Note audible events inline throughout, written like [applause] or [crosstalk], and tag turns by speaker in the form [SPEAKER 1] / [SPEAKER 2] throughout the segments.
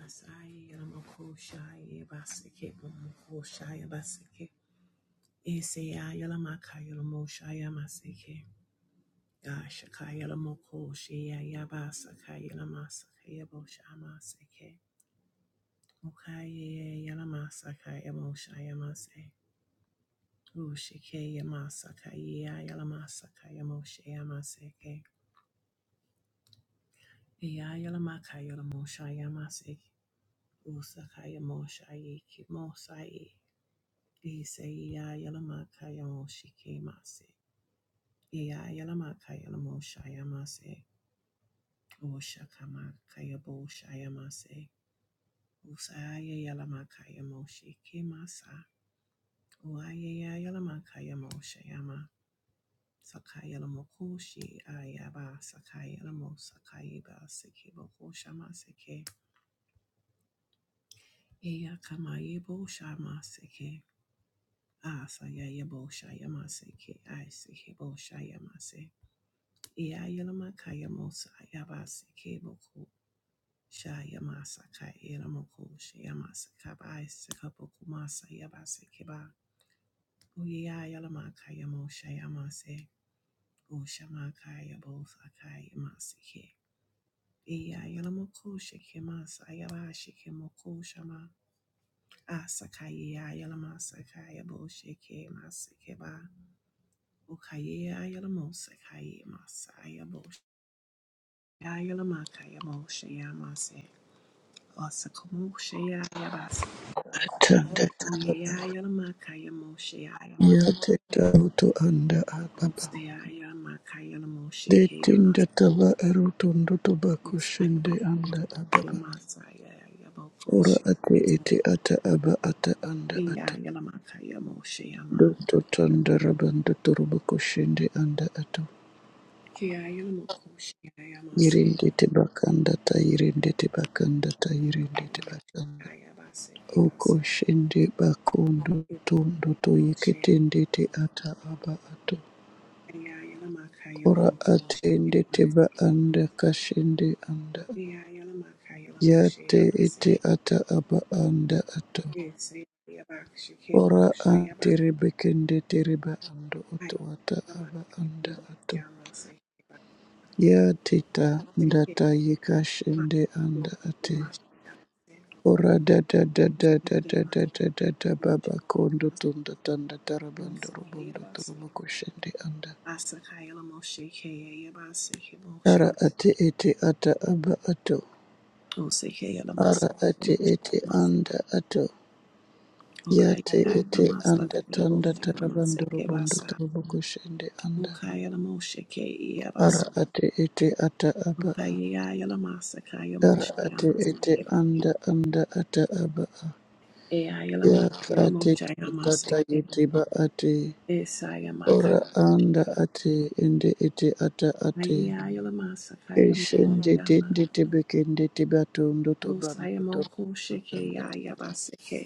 [SPEAKER 1] Asayela mokoshaya baseke mokoshaya baseke. Isayela makayela moshaya maseke. Gashakayela mokoshaya yabasakayela masakaya boshama seke. Mukayela masakaya moshaya mase. Ushikeya masakaya yela masakaya moshaya maseke. Eyayela makayela moshaya maseke. Usakaya moshaya ki mosaye. Ise iya yalama kayamo shikemase. Iya yalama kayamo shayamase. O shakama kayabo shayamase. Usaya yalama kayamo shikemasa. Uaya yalama kayamo shayama. Sakayalamo koshi ayaba sakayalamo sakayeba sekebo koshama seke. Iya kamayebo shama seke. Asaya yabo shayama seke. Aiseke bo shayama yalamaka shayamasaka masaka Yayalamakayamosayabasikebuku shayamasakayelamoku shayamasakabaisakabukumasayabasikeba uyayalamakayamosayamase ushamakayabousakayamasike iyayalamoku shikemasayabashikemoku shama Asakaya Yalamasaka Yaboshike masikeba asakayeyayalamosakayaboshikemasikeba ukayeyayalamosekayemasayabosh Yayalamakayamosayamase Moshe,
[SPEAKER 2] Tanda tala ya te taruto anda ababa. De tinda tala erutondo tobacco shende anda ababa. Ora ate ete ata aba ata anda ata. Doto tanda rabando torobako shende anda ato. Irinde te bakanda ta irinde te bakanda ta irinde te bakanda. Oko shende bakondo tondo to yeketende te ata aba ato. Ora atende teba anda kashende anda. Yate ete ata aba anda ato.
[SPEAKER 1] Yes, I am about she came out.
[SPEAKER 2] Ora
[SPEAKER 1] She about
[SPEAKER 2] atere bekende tereba ando
[SPEAKER 1] I
[SPEAKER 2] oto ata
[SPEAKER 1] am a
[SPEAKER 2] aba anda
[SPEAKER 1] yamo
[SPEAKER 2] ato.
[SPEAKER 1] yama say about
[SPEAKER 2] Yate ta
[SPEAKER 1] say it
[SPEAKER 2] ndata ye kashende anda ate. Ora da da da
[SPEAKER 1] must
[SPEAKER 2] da
[SPEAKER 1] be much she
[SPEAKER 2] da da
[SPEAKER 1] came out
[SPEAKER 2] da da da da
[SPEAKER 1] much
[SPEAKER 2] baba kondo
[SPEAKER 1] must
[SPEAKER 2] tunda tanda
[SPEAKER 1] must
[SPEAKER 2] tarabando
[SPEAKER 1] say hey
[SPEAKER 2] robondo
[SPEAKER 1] about say
[SPEAKER 2] torobo koshende anda.
[SPEAKER 1] asa kayala moshe kaya about she hey about say mosha
[SPEAKER 2] Ara ate ete ata aba ato.
[SPEAKER 1] o say kayala masa
[SPEAKER 2] Ara ate
[SPEAKER 1] mosha
[SPEAKER 2] ete
[SPEAKER 1] masa
[SPEAKER 2] anda ato.
[SPEAKER 1] okay
[SPEAKER 2] Yate
[SPEAKER 1] kayala
[SPEAKER 2] ete
[SPEAKER 1] masa
[SPEAKER 2] anda
[SPEAKER 1] kaya
[SPEAKER 2] tanda
[SPEAKER 1] moshe masa
[SPEAKER 2] tarabandoro bondo
[SPEAKER 1] kebasa
[SPEAKER 2] torobo koshende anda
[SPEAKER 1] okay kayala moshe kaya
[SPEAKER 2] ara
[SPEAKER 1] basa
[SPEAKER 2] ate ete ata aba
[SPEAKER 1] okay
[SPEAKER 2] a.
[SPEAKER 1] kayala masa kaya
[SPEAKER 2] ara ate
[SPEAKER 1] moshe
[SPEAKER 2] ete anda anda ata aba a.
[SPEAKER 1] Eyayelamaka
[SPEAKER 2] yaka ate te tata
[SPEAKER 1] yelamoshayamaseke.
[SPEAKER 2] yete ba ate
[SPEAKER 1] Esayamaka
[SPEAKER 2] ora anda ate ende ete ata ate keshende
[SPEAKER 1] yelamoshayamasakayamoshayama.
[SPEAKER 2] dende tebe kende tebe tondo tobando torobo
[SPEAKER 1] Osayamokosheke
[SPEAKER 2] tanda ta.
[SPEAKER 1] yayabaseke.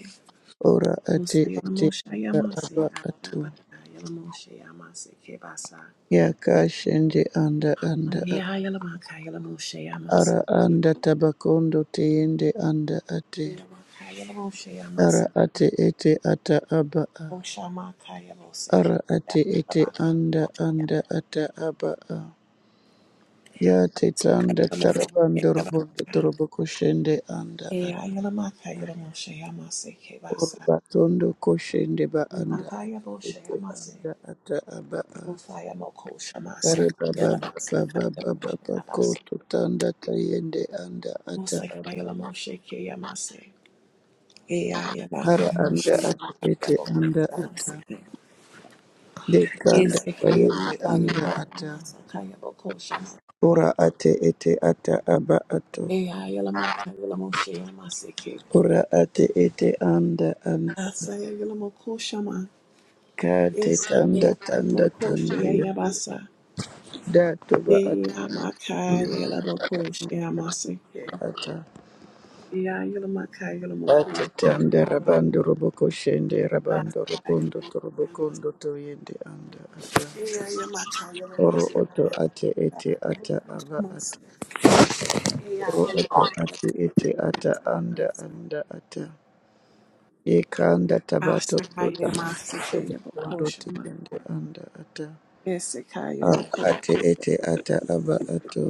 [SPEAKER 2] ora ate ete ata
[SPEAKER 1] Osayamoshayamase
[SPEAKER 2] aba ato.
[SPEAKER 1] ayabaka yelamoshayamaseke basa.
[SPEAKER 2] Yakashende anda anda
[SPEAKER 1] Eyayelamaka
[SPEAKER 2] Ara
[SPEAKER 1] yelamoshayamaseke.
[SPEAKER 2] anda tabakondo teyende anda ate.
[SPEAKER 1] Eyayelamaka
[SPEAKER 2] Ara
[SPEAKER 1] yelamoshayamaseke.
[SPEAKER 2] ate ete ata aba'a.
[SPEAKER 1] Oshamaka yamoseke.
[SPEAKER 2] Ara ate ete
[SPEAKER 1] Eyayelamaka yelamoshayamaseke
[SPEAKER 2] anda anda ata aba'a. Ya te tanda tarabandor
[SPEAKER 1] basa.
[SPEAKER 2] bondo torobo koshende anda ate.
[SPEAKER 1] Eyayelamaka yelamoshayamaseke basa.
[SPEAKER 2] Orbatondo koshende ba anda
[SPEAKER 1] Makaya
[SPEAKER 2] ate
[SPEAKER 1] Boshe
[SPEAKER 2] ete
[SPEAKER 1] Yamase,
[SPEAKER 2] anda ata aba'a.
[SPEAKER 1] Musaya Moko
[SPEAKER 2] Kare
[SPEAKER 1] Shamasa,
[SPEAKER 2] baba
[SPEAKER 1] Yalabasa,
[SPEAKER 2] baba
[SPEAKER 1] Kaya
[SPEAKER 2] baba
[SPEAKER 1] Moshe
[SPEAKER 2] baba
[SPEAKER 1] Yabasa,
[SPEAKER 2] koto tanda tayende anda ata
[SPEAKER 1] Musakaya
[SPEAKER 2] aba'a.
[SPEAKER 1] Lamoshe Kayamase, Ea Yamaka,
[SPEAKER 2] Ara anda
[SPEAKER 1] Shamaka
[SPEAKER 2] ate ete
[SPEAKER 1] Yaboko
[SPEAKER 2] anda ata.
[SPEAKER 1] Shamase,
[SPEAKER 2] de kanda
[SPEAKER 1] Isakaya
[SPEAKER 2] bayende
[SPEAKER 1] Musaya
[SPEAKER 2] anda ata
[SPEAKER 1] Yamasa, Kaya Boko Shamase,
[SPEAKER 2] ora ate ete ata aba ato
[SPEAKER 1] Ea Yalamaka Yalamoshe Yamase,
[SPEAKER 2] ora ate ete anda anda
[SPEAKER 1] Asaya Yalamoko Shama,
[SPEAKER 2] kate tanda
[SPEAKER 1] Isakaya
[SPEAKER 2] tanda
[SPEAKER 1] Yamoko
[SPEAKER 2] tanda ya
[SPEAKER 1] Shayabasa,
[SPEAKER 2] da toba
[SPEAKER 1] Ea
[SPEAKER 2] ata
[SPEAKER 1] Maka Yalaboko Shayamase,
[SPEAKER 2] ata
[SPEAKER 1] Yeah, Yeah, Yeah, you're You're You're you're You're
[SPEAKER 2] ate
[SPEAKER 1] You're
[SPEAKER 2] tanda rabando roboko shende rabando robondo torobokondo toyende anda ata
[SPEAKER 1] you're You're You're you're You're You're you're my
[SPEAKER 2] oro oto ate ete ata
[SPEAKER 1] my
[SPEAKER 2] aba
[SPEAKER 1] my. my
[SPEAKER 2] ato
[SPEAKER 1] shit. Yeah,
[SPEAKER 2] oro
[SPEAKER 1] you're
[SPEAKER 2] oto
[SPEAKER 1] my
[SPEAKER 2] ate ete ata anda anda ata Yekanda tabato
[SPEAKER 1] ass, you're
[SPEAKER 2] tabato
[SPEAKER 1] my. shit, hey, you're my cool,
[SPEAKER 2] ndo
[SPEAKER 1] you're my
[SPEAKER 2] tiyende anda ata
[SPEAKER 1] yes, you're my.
[SPEAKER 2] ara
[SPEAKER 1] cool.
[SPEAKER 2] ate ete ata aba ato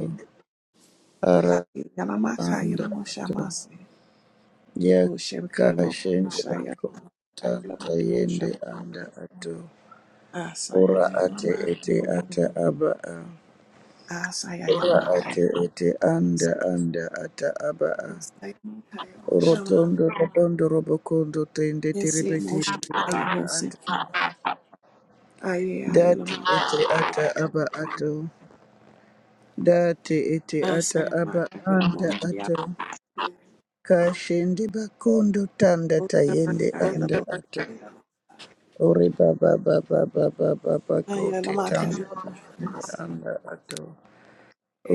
[SPEAKER 2] ara
[SPEAKER 1] You're my car, you're
[SPEAKER 2] anda
[SPEAKER 1] my
[SPEAKER 2] ato
[SPEAKER 1] shamas. Oh, she became a cool,
[SPEAKER 2] yakashende
[SPEAKER 1] shy, you're
[SPEAKER 2] ako
[SPEAKER 1] my.
[SPEAKER 2] tanda
[SPEAKER 1] cool,
[SPEAKER 2] yende
[SPEAKER 1] shamas.
[SPEAKER 2] anda ato
[SPEAKER 1] Ah, say,
[SPEAKER 2] ora
[SPEAKER 1] yeah, you're
[SPEAKER 2] ate
[SPEAKER 1] my
[SPEAKER 2] ete ata aba a ora
[SPEAKER 1] Yayalamaka,
[SPEAKER 2] ate ete
[SPEAKER 1] yalamaku,
[SPEAKER 2] anda anda ata aba a
[SPEAKER 1] shayalamaka, yalamaka, yalamaka, yalamaka, yalamaka, yalamaka. Asakayamasa, kayabako, shama. Esekayamoko, yalamaka, yalamoshamasa. Oshemkemoko, you're my yalamoko. You're my yamoshama.
[SPEAKER 2] rotondo rotondo robokondo tende
[SPEAKER 1] Esse
[SPEAKER 2] terebete
[SPEAKER 1] emotion
[SPEAKER 2] anda
[SPEAKER 1] kaya
[SPEAKER 2] ata
[SPEAKER 1] bosiki. Aye aye la
[SPEAKER 2] dati
[SPEAKER 1] maka
[SPEAKER 2] ete
[SPEAKER 1] la mo.
[SPEAKER 2] ata aba ato Dati te
[SPEAKER 1] Asa
[SPEAKER 2] ata
[SPEAKER 1] ya
[SPEAKER 2] aba
[SPEAKER 1] maka ya mo
[SPEAKER 2] anda
[SPEAKER 1] shi ya.
[SPEAKER 2] ato. Ka bakondo tanda
[SPEAKER 1] Oka
[SPEAKER 2] tayende
[SPEAKER 1] maka ya la
[SPEAKER 2] anda ato.
[SPEAKER 1] bosiki ya la.
[SPEAKER 2] ori baba baba baba baba ko
[SPEAKER 1] Aye la
[SPEAKER 2] te
[SPEAKER 1] maka
[SPEAKER 2] tanda
[SPEAKER 1] ya la mo shi mo
[SPEAKER 2] tayende
[SPEAKER 1] si.
[SPEAKER 2] anda ato.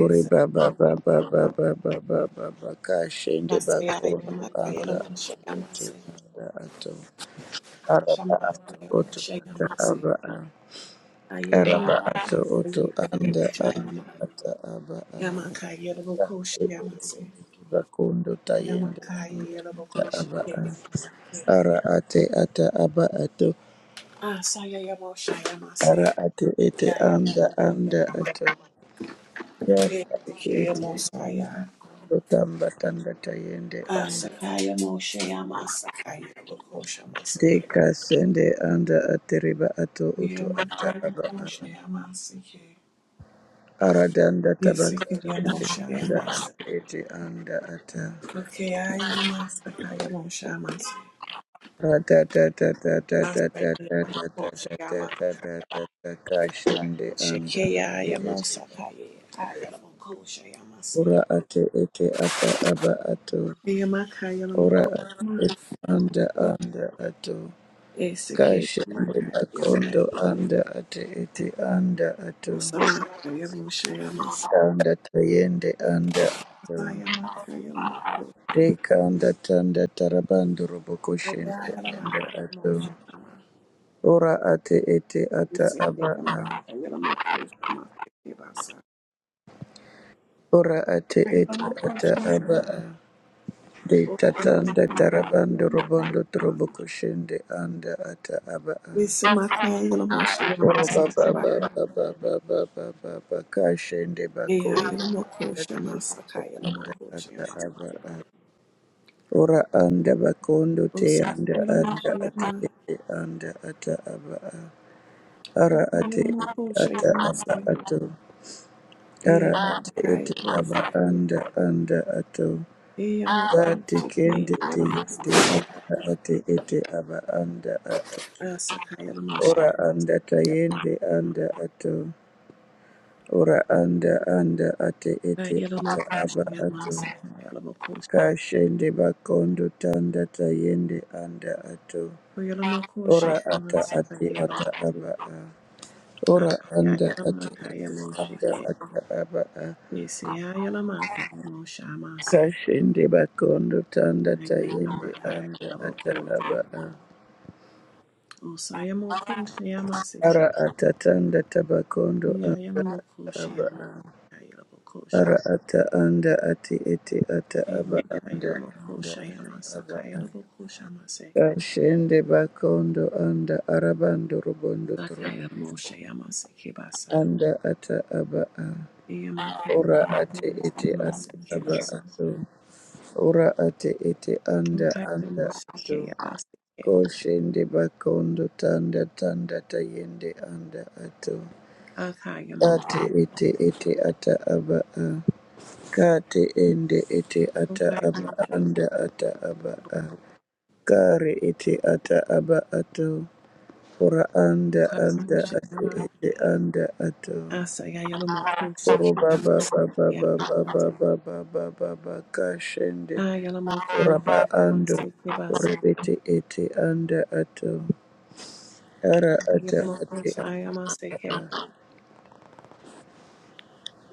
[SPEAKER 2] ori baba
[SPEAKER 1] ya mo.
[SPEAKER 2] baba baba baba baba ka shende
[SPEAKER 1] Asa ya ya la
[SPEAKER 2] bakondo
[SPEAKER 1] maka ya la
[SPEAKER 2] anda
[SPEAKER 1] mo shi
[SPEAKER 2] ato
[SPEAKER 1] ya ma
[SPEAKER 2] ete
[SPEAKER 1] si.
[SPEAKER 2] anda ato. Araba
[SPEAKER 1] Shama
[SPEAKER 2] ato
[SPEAKER 1] ya mo
[SPEAKER 2] oto
[SPEAKER 1] shi ya
[SPEAKER 2] ata
[SPEAKER 1] ma si.
[SPEAKER 2] aba a.
[SPEAKER 1] Aye la mo.
[SPEAKER 2] Araba ato oto
[SPEAKER 1] Aye la
[SPEAKER 2] anda
[SPEAKER 1] mo shi ya
[SPEAKER 2] anda
[SPEAKER 1] ma.
[SPEAKER 2] ata aba a.
[SPEAKER 1] Ya maka ya la mo ko
[SPEAKER 2] Ate
[SPEAKER 1] shi ya ma
[SPEAKER 2] ete
[SPEAKER 1] si.
[SPEAKER 2] ndete bakondo
[SPEAKER 1] Ya
[SPEAKER 2] tayende
[SPEAKER 1] maka
[SPEAKER 2] anga
[SPEAKER 1] ya la mo
[SPEAKER 2] ata
[SPEAKER 1] ko shi
[SPEAKER 2] aba a.
[SPEAKER 1] ya ma si.
[SPEAKER 2] Ara ate ata aba ato.
[SPEAKER 1] Asa ya ya mo shi ya ma si.
[SPEAKER 2] Ara ate ete
[SPEAKER 1] Kaya
[SPEAKER 2] anda anda ato. Yaka ate
[SPEAKER 1] sakaya
[SPEAKER 2] ete
[SPEAKER 1] Mosaya
[SPEAKER 2] ando tamba tanda tayende anda.
[SPEAKER 1] Asakaya Moshe Yamasakaya Bokosha Masakaya
[SPEAKER 2] Deka sende anda ateriba ato uto ata
[SPEAKER 1] Yamakaya
[SPEAKER 2] aba a.
[SPEAKER 1] Moshe Yamasakaya
[SPEAKER 2] Ara danda tabako
[SPEAKER 1] Yasikaya
[SPEAKER 2] sende
[SPEAKER 1] Moshe
[SPEAKER 2] anda
[SPEAKER 1] Yamasa
[SPEAKER 2] ate ete anda ata.
[SPEAKER 1] Kakaya Yamasakaya Moshe Yamasa Asakaya Moshe Yamasakaya
[SPEAKER 2] Kashinde anda
[SPEAKER 1] Shekaya
[SPEAKER 2] ate ete
[SPEAKER 1] Yamosakaya Kaya Bokosha Yamasa
[SPEAKER 2] ora ate ete ata aba ato
[SPEAKER 1] Yamakaya
[SPEAKER 2] ora ate
[SPEAKER 1] Mokosha
[SPEAKER 2] ete anda anda ato
[SPEAKER 1] Esikaya
[SPEAKER 2] kashinde
[SPEAKER 1] Makaya
[SPEAKER 2] makondo anda ate ete anda ato
[SPEAKER 1] Mosama Kaya Moshe
[SPEAKER 2] anda tayende anda ato
[SPEAKER 1] Saya makaya lamakosha
[SPEAKER 2] Teka anda tanda tarabando robo
[SPEAKER 1] makaya
[SPEAKER 2] koshinde anda
[SPEAKER 1] lamakaya
[SPEAKER 2] ato
[SPEAKER 1] mosha nama.
[SPEAKER 2] ora ate ete ata
[SPEAKER 1] Iseke
[SPEAKER 2] aba a.
[SPEAKER 1] yamakaya lamakosha maseke basa.
[SPEAKER 2] Ora ate
[SPEAKER 1] Kaya
[SPEAKER 2] ete ata
[SPEAKER 1] lamakosha
[SPEAKER 2] aba
[SPEAKER 1] maseke
[SPEAKER 2] a de tatanda
[SPEAKER 1] yamakaya
[SPEAKER 2] tarabando robondo
[SPEAKER 1] lamakosha mas.
[SPEAKER 2] trobo koshende anda ata aba a
[SPEAKER 1] Ise makaya lamosha
[SPEAKER 2] oro
[SPEAKER 1] yamaseke
[SPEAKER 2] baba
[SPEAKER 1] basa.
[SPEAKER 2] baba baba baba baba kashende bako
[SPEAKER 1] Eya yalamokosha
[SPEAKER 2] ata ete
[SPEAKER 1] masakaya
[SPEAKER 2] anda
[SPEAKER 1] lamakosha
[SPEAKER 2] ata aba
[SPEAKER 1] yamaseke
[SPEAKER 2] a
[SPEAKER 1] basa.
[SPEAKER 2] ora anda bakondo te anda
[SPEAKER 1] Osakaya
[SPEAKER 2] anda
[SPEAKER 1] lamosha
[SPEAKER 2] ate
[SPEAKER 1] yama.
[SPEAKER 2] ete anda ata aba a ara
[SPEAKER 1] Okaya
[SPEAKER 2] ate ete
[SPEAKER 1] lamokosha
[SPEAKER 2] ata aba
[SPEAKER 1] yamase.
[SPEAKER 2] ato ara
[SPEAKER 1] Eya
[SPEAKER 2] ate
[SPEAKER 1] makaya
[SPEAKER 2] ete aba
[SPEAKER 1] bosha.
[SPEAKER 2] anda anda ato
[SPEAKER 1] Eya
[SPEAKER 2] Dati
[SPEAKER 1] mokosha
[SPEAKER 2] kendi te
[SPEAKER 1] kaya
[SPEAKER 2] yende anda ate ete aba anda ato.
[SPEAKER 1] Asakaya Moshe,
[SPEAKER 2] Ora anda tayende anda ato. Ora anda anda ate ete
[SPEAKER 1] Yellow
[SPEAKER 2] ata
[SPEAKER 1] Mokosh,
[SPEAKER 2] aba ato.
[SPEAKER 1] Yamasakaya Mokosh,
[SPEAKER 2] Kashende bakondo tanda tayende anda ato.
[SPEAKER 1] Yellow Mokosh,
[SPEAKER 2] Ora ata ate
[SPEAKER 1] Masakaya
[SPEAKER 2] ata
[SPEAKER 1] Basu,
[SPEAKER 2] aba a. Ora anda ate
[SPEAKER 1] Yamakaya
[SPEAKER 2] ete anda
[SPEAKER 1] moshike.
[SPEAKER 2] ata aba a.
[SPEAKER 1] Nisia Yalamakaya Mosha Masi,
[SPEAKER 2] Kashende bakondo tanda tayende
[SPEAKER 1] Yamakaya
[SPEAKER 2] anda ata
[SPEAKER 1] Mokosh,
[SPEAKER 2] aba a.
[SPEAKER 1] yama. Yamase,
[SPEAKER 2] Ara ata tanda tabakondo anda ata aba a. Ara ata anda ati ete ata aba anda anda ata aba a. Kashende bakondo anda arabando robondo trobo.
[SPEAKER 1] Sakaya Moshe Yamase basa.
[SPEAKER 2] Anda ata aba a.
[SPEAKER 1] Okay, Moshe,
[SPEAKER 2] Ora ate
[SPEAKER 1] I
[SPEAKER 2] ete ata aba ato. Ora ate ete anda anda ato. Koshende bakondo tanda tanda tayende anda ato. Ate ete ete ata aba a. Kate ende ete ata aba anda ata aba a. Kare ete ata aba ato. Ora anda anda ate ete anda ato.
[SPEAKER 1] am
[SPEAKER 2] Oro baba baba baba baba baba baba kashende. Ora ba ando. Ora ete ete anda ato. Ara ata ate. ata.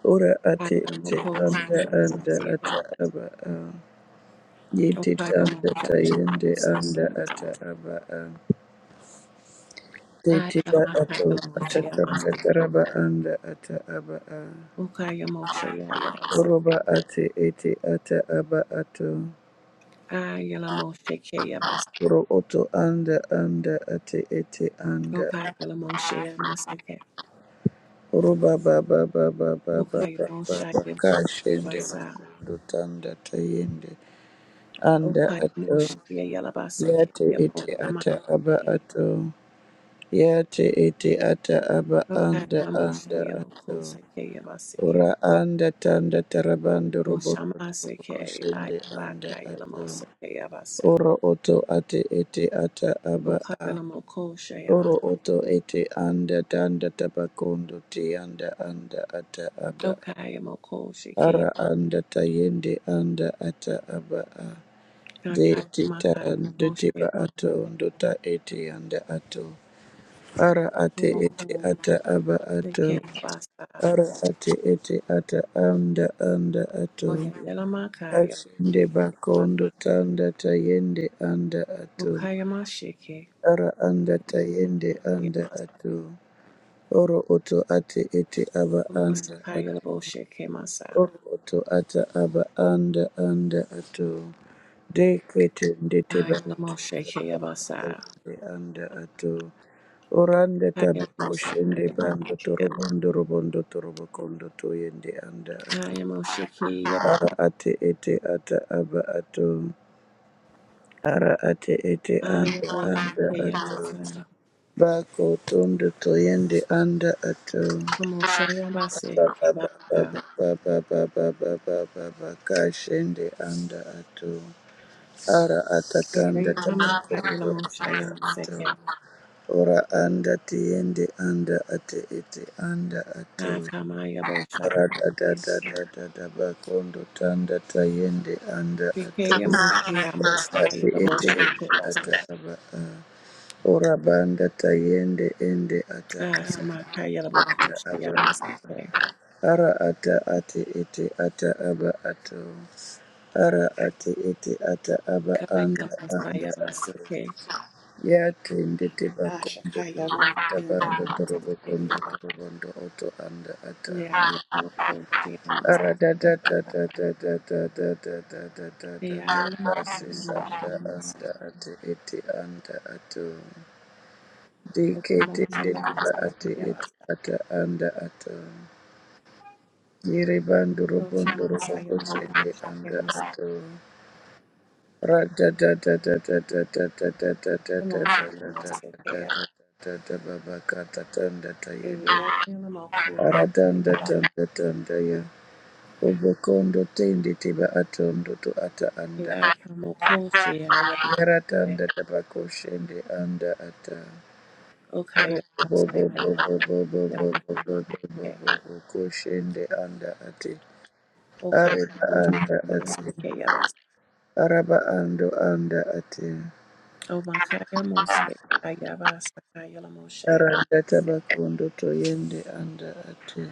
[SPEAKER 2] Ora ate ete anda anda ata aba a. Yete tanda tayende anda ata aba a. Tete ba ato atatanga taraba anda ata aba a.
[SPEAKER 1] a second.
[SPEAKER 2] Oroba ate ete ata aba ato.
[SPEAKER 1] Ayalamoshe Keyabas.
[SPEAKER 2] Oro oto anda anda ate ete anda.
[SPEAKER 1] Okayalamoshe Yamaseke.
[SPEAKER 2] Oroba ba ba ba ba ba ba ba ba
[SPEAKER 1] Okayamoshe
[SPEAKER 2] ba kashende
[SPEAKER 1] Yabasa.
[SPEAKER 2] makondo tanda tayende anda
[SPEAKER 1] Okayamoshe
[SPEAKER 2] ato.
[SPEAKER 1] Yalabaseke
[SPEAKER 2] Yate ete ata
[SPEAKER 1] Yamoshamake.
[SPEAKER 2] aba ato. Yate ete ata aba anda
[SPEAKER 1] Okayalamoshe
[SPEAKER 2] anda ato.
[SPEAKER 1] Yabokoseke Yabaseke.
[SPEAKER 2] Ora anda tanda tarabando roboto toko
[SPEAKER 1] Oshamaseke
[SPEAKER 2] koshende anda ato.
[SPEAKER 1] Ayabakayalamosa Yabasa.
[SPEAKER 2] Oro oto ate ete ata aba a.
[SPEAKER 1] Okayalamokoshe Yamas.
[SPEAKER 2] Oro oto ete anda tanda tabakondo te anda anda ata aba a.
[SPEAKER 1] Okayamokoshe Key.
[SPEAKER 2] Ara anda tayende anda ata aba a. De te ta anda
[SPEAKER 1] Nakayamakayamoshe
[SPEAKER 2] te ba ato
[SPEAKER 1] Yamaseke.
[SPEAKER 2] ndota ete anda ato. Ara ate ete
[SPEAKER 1] Okomoko
[SPEAKER 2] ata aba ato.
[SPEAKER 1] Seke Yabasa.
[SPEAKER 2] Ara ate ete ata anda anda ato.
[SPEAKER 1] Oyayalamaka
[SPEAKER 2] Ashinde
[SPEAKER 1] Yaboshe.
[SPEAKER 2] bakondo tanda tayende anda ato.
[SPEAKER 1] Mukayamashike.
[SPEAKER 2] Ara anda tayende anda ato. Oro oto ate ete aba anda ato.
[SPEAKER 1] Masakayalaboshike masa.
[SPEAKER 2] Oto ata aba anda anda ato dekete ndete ba
[SPEAKER 1] Ayalamoshike yabasa.
[SPEAKER 2] ete anda ato oranda taba koshende
[SPEAKER 1] Ayalabosakaya
[SPEAKER 2] bando
[SPEAKER 1] masakaya.
[SPEAKER 2] torobondo robondo torobo kondo toyende anda ato
[SPEAKER 1] Ayamoshike yaba.
[SPEAKER 2] ara ate ete ata aba ato ara ate ete anda anda
[SPEAKER 1] Ayaboshike
[SPEAKER 2] ato
[SPEAKER 1] yabasa.
[SPEAKER 2] bako tondo toyende anda ato
[SPEAKER 1] Amoshayabase kebasa.
[SPEAKER 2] kashende anda ato ara atatanda tabakoto anda
[SPEAKER 1] Oyayalamakayalamoshayamase.
[SPEAKER 2] ato ora anda tiende anda ate ete anda ato ara
[SPEAKER 1] Akamayaboshayamase.
[SPEAKER 2] tatatatatabakondo tanda tayende anda
[SPEAKER 1] Sike
[SPEAKER 2] ato ora
[SPEAKER 1] yamoshayamase.
[SPEAKER 2] ate ete
[SPEAKER 1] Ayalaboshike
[SPEAKER 2] ete
[SPEAKER 1] basa.
[SPEAKER 2] ata aba a ora banda tayende ende ata a ata aba a.
[SPEAKER 1] Asamakayalabokoshayamase.
[SPEAKER 2] Ara ata ate iti ata aba ato. Ara ate iti ata aba anda anda ato.
[SPEAKER 1] Kayalamoshayabase.
[SPEAKER 2] Ya tende te
[SPEAKER 1] Okay,
[SPEAKER 2] bakondo tabando torobo kondo torobondo oto anda ata. Ara da da da da da da da da da da da da da da Asi sanda anda ate iti anda ato. Deke tende te ba ate iti ata anda ato. Yere bandu robondo roboko sende anda ato. Rada da da da da da da da da da da da da da da da da da da baba kata tanda tayende. Aradanda tanda tanda ya. Obokondo tende teba atondo to ata anda. Yara tanda tabako shende anda ata. Bo bo bo bo bo bo bo bo bo bo bo bo bo bo ko shende anda ate.
[SPEAKER 1] Okay,
[SPEAKER 2] Areba anda ate. araba ando anda ate
[SPEAKER 1] O Omakaya Mose, Ayabasa Kayala Moshe, Amate,
[SPEAKER 2] aranda tabakondo toyende anda ate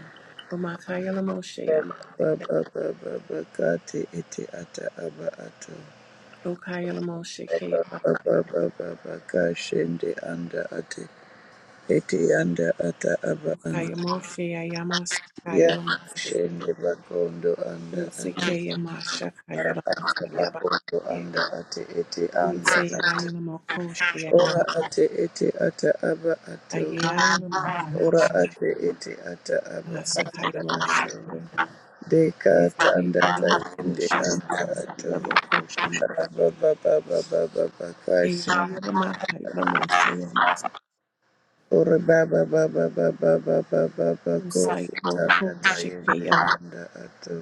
[SPEAKER 1] Omakaya Moshe,
[SPEAKER 2] baba
[SPEAKER 1] Amate,
[SPEAKER 2] baba bakate ete ata aba ato
[SPEAKER 1] Okayala Moshe, Kayabate,
[SPEAKER 2] baba baba bakashende anda ate ete anda ata aba anda
[SPEAKER 1] Okaya Moshe, Ayamas,
[SPEAKER 2] ya
[SPEAKER 1] Kayala Mose,
[SPEAKER 2] shende bakondo anda ate
[SPEAKER 1] Esekaya Masha,
[SPEAKER 2] araba
[SPEAKER 1] Kayala Mose,
[SPEAKER 2] ata bakondo
[SPEAKER 1] Ayabate,
[SPEAKER 2] anda ate ete anda ate
[SPEAKER 1] Esayayala Mokoshe,
[SPEAKER 2] ora
[SPEAKER 1] Ayama,
[SPEAKER 2] ate ete ata aba ato
[SPEAKER 1] Ayayala
[SPEAKER 2] ora
[SPEAKER 1] Mokoshe,
[SPEAKER 2] ate ete ata aba
[SPEAKER 1] Amasa
[SPEAKER 2] ata
[SPEAKER 1] Kaya Moshe,
[SPEAKER 2] ato deka tanda
[SPEAKER 1] Nesayala
[SPEAKER 2] tayende
[SPEAKER 1] Mokosha,
[SPEAKER 2] anda
[SPEAKER 1] Masa
[SPEAKER 2] ato
[SPEAKER 1] Kayala Mokosha,
[SPEAKER 2] raba baba baba baba kashi
[SPEAKER 1] Ayayala Makayala Moshe, Yamas.
[SPEAKER 2] ora baba baba baba baba baba koko tanda
[SPEAKER 1] Usayaboko
[SPEAKER 2] tayende
[SPEAKER 1] Shikeya
[SPEAKER 2] anda ato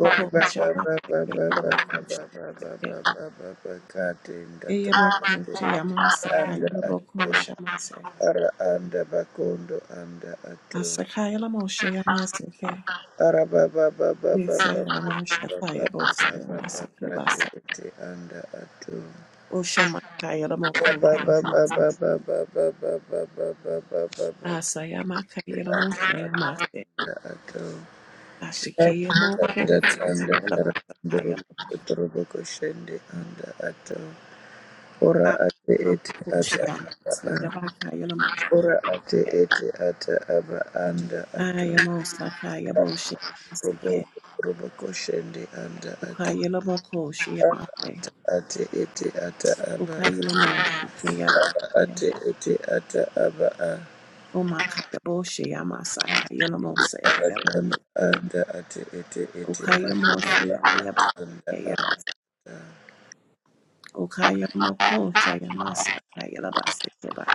[SPEAKER 2] ora baba baba
[SPEAKER 1] Shamaseke
[SPEAKER 2] baba
[SPEAKER 1] Yelaboko
[SPEAKER 2] baba baba
[SPEAKER 1] Shamaseke
[SPEAKER 2] baba baba katenda
[SPEAKER 1] Eyamoko
[SPEAKER 2] tayende
[SPEAKER 1] Shayamasaka
[SPEAKER 2] anda
[SPEAKER 1] Yelaboko
[SPEAKER 2] ato
[SPEAKER 1] Shamase
[SPEAKER 2] ara anda bakondo anda ato
[SPEAKER 1] Asakayalamo Shayamaseke
[SPEAKER 2] Ara
[SPEAKER 1] Visayama Shakayabo Sayamaseke Basa
[SPEAKER 2] babababababababababababakratipeti anda atau
[SPEAKER 1] Oshamakayalamo Shayamas
[SPEAKER 2] babababababababababababakratipeti
[SPEAKER 1] Asayamaka Yelamo Shayamase
[SPEAKER 2] anda atau apa
[SPEAKER 1] Ashikeyamoko
[SPEAKER 2] ada anda
[SPEAKER 1] Sayakilabasa Kayamo
[SPEAKER 2] terdorubuk terubukusendi anda atau ora ate ate ata
[SPEAKER 1] Shayamas Yabaka Yelamo
[SPEAKER 2] ora ate
[SPEAKER 1] Shayamas
[SPEAKER 2] ate ata apa anda atau
[SPEAKER 1] Ayamosa Kayaboshe
[SPEAKER 2] rubuk
[SPEAKER 1] Masike,
[SPEAKER 2] rubukusendi anda atau
[SPEAKER 1] Ukayelamokoshi Yamase,
[SPEAKER 2] ate ate ate ata ana
[SPEAKER 1] Ukayelamoshi Kayabase,
[SPEAKER 2] ate ete ata aba a
[SPEAKER 1] Omakayaboshi Yamasa Kayelamose
[SPEAKER 2] anda
[SPEAKER 1] Yabase,
[SPEAKER 2] anda ate ete ete ata
[SPEAKER 1] Ukayamoshi Yabase,
[SPEAKER 2] aba anda
[SPEAKER 1] Yabas, Ukayamokosha Yamasa Kayelabase Keba,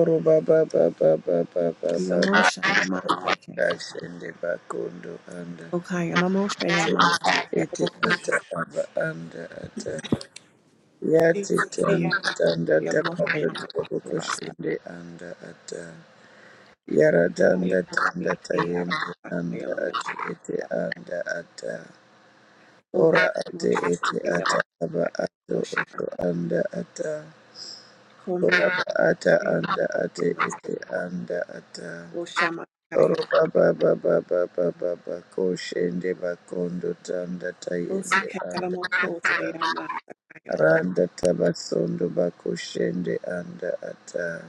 [SPEAKER 2] oro baba baba baba baba
[SPEAKER 1] Yamosha Yamase,
[SPEAKER 2] kashende bakondo anda
[SPEAKER 1] Ukayalamosha Yamase,
[SPEAKER 2] ete ata
[SPEAKER 1] Kayabokushi,
[SPEAKER 2] aba anda ata yate tanda
[SPEAKER 1] Yamase,
[SPEAKER 2] tanda
[SPEAKER 1] Yalamosha
[SPEAKER 2] takanda
[SPEAKER 1] Yamase
[SPEAKER 2] toroko
[SPEAKER 1] Kebasa,
[SPEAKER 2] shende anda ata yara danda
[SPEAKER 1] Kayamoshi
[SPEAKER 2] tanda tayende
[SPEAKER 1] Kayabasa,
[SPEAKER 2] anda ate ete
[SPEAKER 1] Kayelamosha.
[SPEAKER 2] anda ata
[SPEAKER 1] Okay,
[SPEAKER 2] ora ate
[SPEAKER 1] Moshe,
[SPEAKER 2] ete
[SPEAKER 1] Yeva,
[SPEAKER 2] ata aba ato
[SPEAKER 1] Moshe,
[SPEAKER 2] oto anda ata ora
[SPEAKER 1] Comia,
[SPEAKER 2] ba ata anda ate
[SPEAKER 1] Masa,
[SPEAKER 2] ete anda ata
[SPEAKER 1] Oshama,
[SPEAKER 2] oro
[SPEAKER 1] Kayab,
[SPEAKER 2] baba baba baba baba koshende bakondo tanda
[SPEAKER 1] Rosi,
[SPEAKER 2] tayende anda
[SPEAKER 1] Kalamo, Koshe,
[SPEAKER 2] ata
[SPEAKER 1] Masa, Kayabo,
[SPEAKER 2] randa tabasondo bakoshende anda ata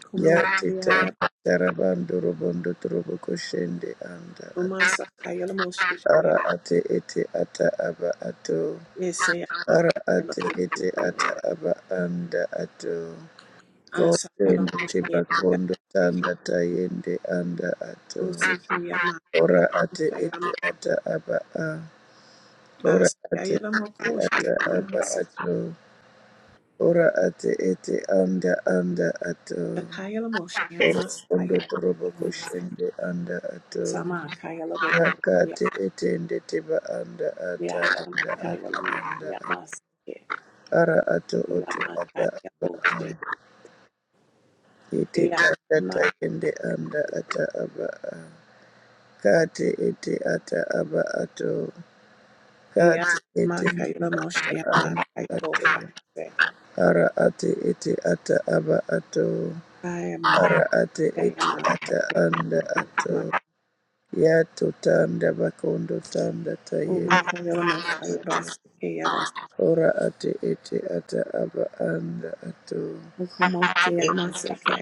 [SPEAKER 1] Como,
[SPEAKER 2] yate
[SPEAKER 1] Yaya,
[SPEAKER 2] tanda tarabando robondo trobo koshende anda ata
[SPEAKER 1] Omasa, Kayamo, Shishia,
[SPEAKER 2] ara ate ete ata aba ato
[SPEAKER 1] Yesaya,
[SPEAKER 2] Ara ate ete
[SPEAKER 1] Masa,
[SPEAKER 2] ata aba anda ato.
[SPEAKER 1] Asa, Yalamo,
[SPEAKER 2] Kotende
[SPEAKER 1] Shia,
[SPEAKER 2] teba kondo tanda tayende anda ato.
[SPEAKER 1] Rosi, Kiyama,
[SPEAKER 2] Ora ate
[SPEAKER 1] Yama,
[SPEAKER 2] ete ata aba a. Ora
[SPEAKER 1] Asa,
[SPEAKER 2] ate
[SPEAKER 1] Yalamo,
[SPEAKER 2] ete ata
[SPEAKER 1] Koshe,
[SPEAKER 2] aba
[SPEAKER 1] Masa,
[SPEAKER 2] ato. Ora ate ete anda anda ato.
[SPEAKER 1] Kayamo, Shia,
[SPEAKER 2] Ora
[SPEAKER 1] Masa,
[SPEAKER 2] kondo torobo
[SPEAKER 1] Yama,
[SPEAKER 2] koshende anda ato.
[SPEAKER 1] Sama, Kayalabo,
[SPEAKER 2] Rakate etende teba anda ata
[SPEAKER 1] Okay,
[SPEAKER 2] anda ato
[SPEAKER 1] Lamosa
[SPEAKER 2] anda.
[SPEAKER 1] Kayamoseke.
[SPEAKER 2] Ara ato oto ata aba a. Iti tata kende anda ata aba a. kati iti ata aba ato. kati iti anda ato. Ara ati iti ata aba ato.
[SPEAKER 1] I am
[SPEAKER 2] Ara ati iti ata anda ato. Yato tanda bakondo tanda tayende anda ato. Ora ati iti ata aba anda ato.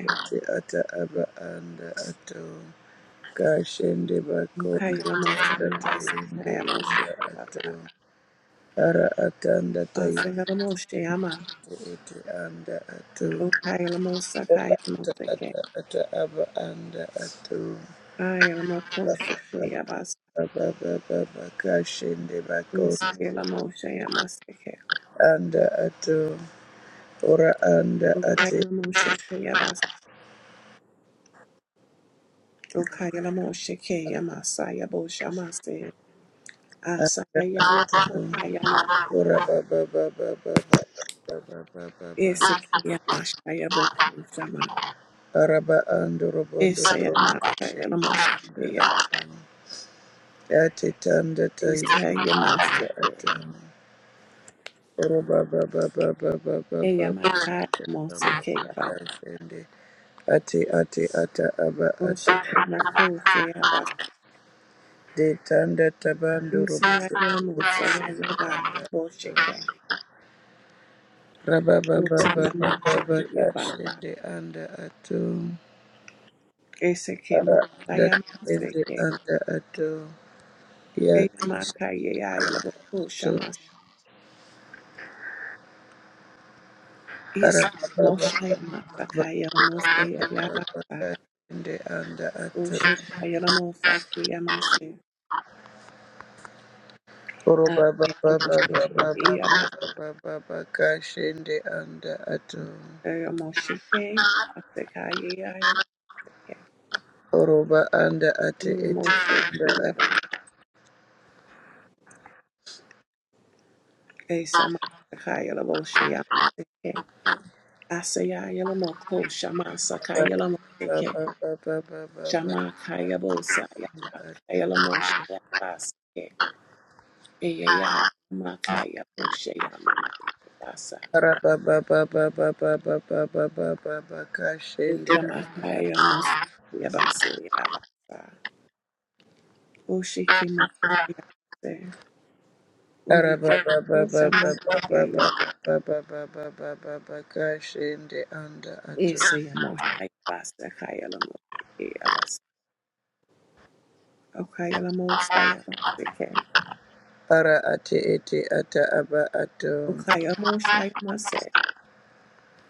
[SPEAKER 2] ati ata aba anda ato kashende bakonde tanda tayende anda ato ara atanda tayende ete anda ato ata ata ata aba anda ato
[SPEAKER 1] a coach,
[SPEAKER 2] aba baba bakashende bakonde
[SPEAKER 1] Isayela Moshe Yamaseke.
[SPEAKER 2] anda ato ora anda ate
[SPEAKER 1] Ukayela Moshe Yabas. Ukayela Moshe Yamasaya Boshamase. Asaya
[SPEAKER 2] ato
[SPEAKER 1] Yamaya
[SPEAKER 2] ora
[SPEAKER 1] Mokama.
[SPEAKER 2] baba baba baba baba baba baba
[SPEAKER 1] Isik Yamashaya Bokum Shama.
[SPEAKER 2] araba ando robondo trobo koshe
[SPEAKER 1] Isayamakayela Moshe
[SPEAKER 2] anda
[SPEAKER 1] Yabas.
[SPEAKER 2] ata yate tanda tayende
[SPEAKER 1] Isaya
[SPEAKER 2] ata
[SPEAKER 1] Moshe
[SPEAKER 2] ata oroba ba ba ba ba ba ba ba ba ba
[SPEAKER 1] Eyamakaya
[SPEAKER 2] ba ba
[SPEAKER 1] Moseke Yabas.
[SPEAKER 2] kashende ate ate ata aba ata
[SPEAKER 1] Bosheke Moko Yabas.
[SPEAKER 2] de tanda tabando robondo trobo
[SPEAKER 1] Isayela Mosaya
[SPEAKER 2] koshe
[SPEAKER 1] Yabas. Bosheke.
[SPEAKER 2] raba ba ba ba
[SPEAKER 1] Usaya
[SPEAKER 2] ba ba
[SPEAKER 1] Moshe
[SPEAKER 2] ba
[SPEAKER 1] Yabas.
[SPEAKER 2] kashende anda ato
[SPEAKER 1] Ese que
[SPEAKER 2] ara
[SPEAKER 1] mo-
[SPEAKER 2] anda
[SPEAKER 1] Shayamase
[SPEAKER 2] tende
[SPEAKER 1] que
[SPEAKER 2] anda ato ya kashato
[SPEAKER 1] Eyamaka Yayalaboko Shamas.
[SPEAKER 2] ara
[SPEAKER 1] Ese
[SPEAKER 2] ba
[SPEAKER 1] que mo
[SPEAKER 2] ba ba
[SPEAKER 1] Shayamasa
[SPEAKER 2] ba
[SPEAKER 1] Kayalamose Yayabasa.
[SPEAKER 2] ende anda atu.
[SPEAKER 1] Oshe Kayalamosa Kayamase.
[SPEAKER 2] oroba ba
[SPEAKER 1] Ase
[SPEAKER 2] ba ba
[SPEAKER 1] Amoshe
[SPEAKER 2] ba
[SPEAKER 1] que
[SPEAKER 2] ba ba ba
[SPEAKER 1] Eyabasa
[SPEAKER 2] ba ba ba kashende anda atu.
[SPEAKER 1] Amoshe que Ase Kayayalaboko.
[SPEAKER 2] oroba anda ate ete
[SPEAKER 1] Eyamoshe
[SPEAKER 2] anda
[SPEAKER 1] que
[SPEAKER 2] ato
[SPEAKER 1] Yabasa. Ese Amasa Kayalaboshe Yamase que. Ase Yayalamoko Shamasa
[SPEAKER 2] ba
[SPEAKER 1] Kayalamose
[SPEAKER 2] ba ba ba ba ba ba ba
[SPEAKER 1] Shamakaya Bosaya
[SPEAKER 2] ato
[SPEAKER 1] Kayala Moshe Basake Eya Makaya Moshe Yamakasa
[SPEAKER 2] araba ba ba ba ba ba ba ba ba ba ba ba kashende anda
[SPEAKER 1] Ekamakaya Mos Yabase Yabasa Oshiki Mosayase Oyiki
[SPEAKER 2] araba ba ba ba ba
[SPEAKER 1] Oshama
[SPEAKER 2] ba ba ba
[SPEAKER 1] Yayala
[SPEAKER 2] ba ba ba ba ba ba ba kashende anda atu.
[SPEAKER 1] Ese Yamosha Yabasa Kayala Moshe Yabasa Okayala Mosaya Basake
[SPEAKER 2] ara ate ete ata aba atu.
[SPEAKER 1] Okaya Mosha Yamase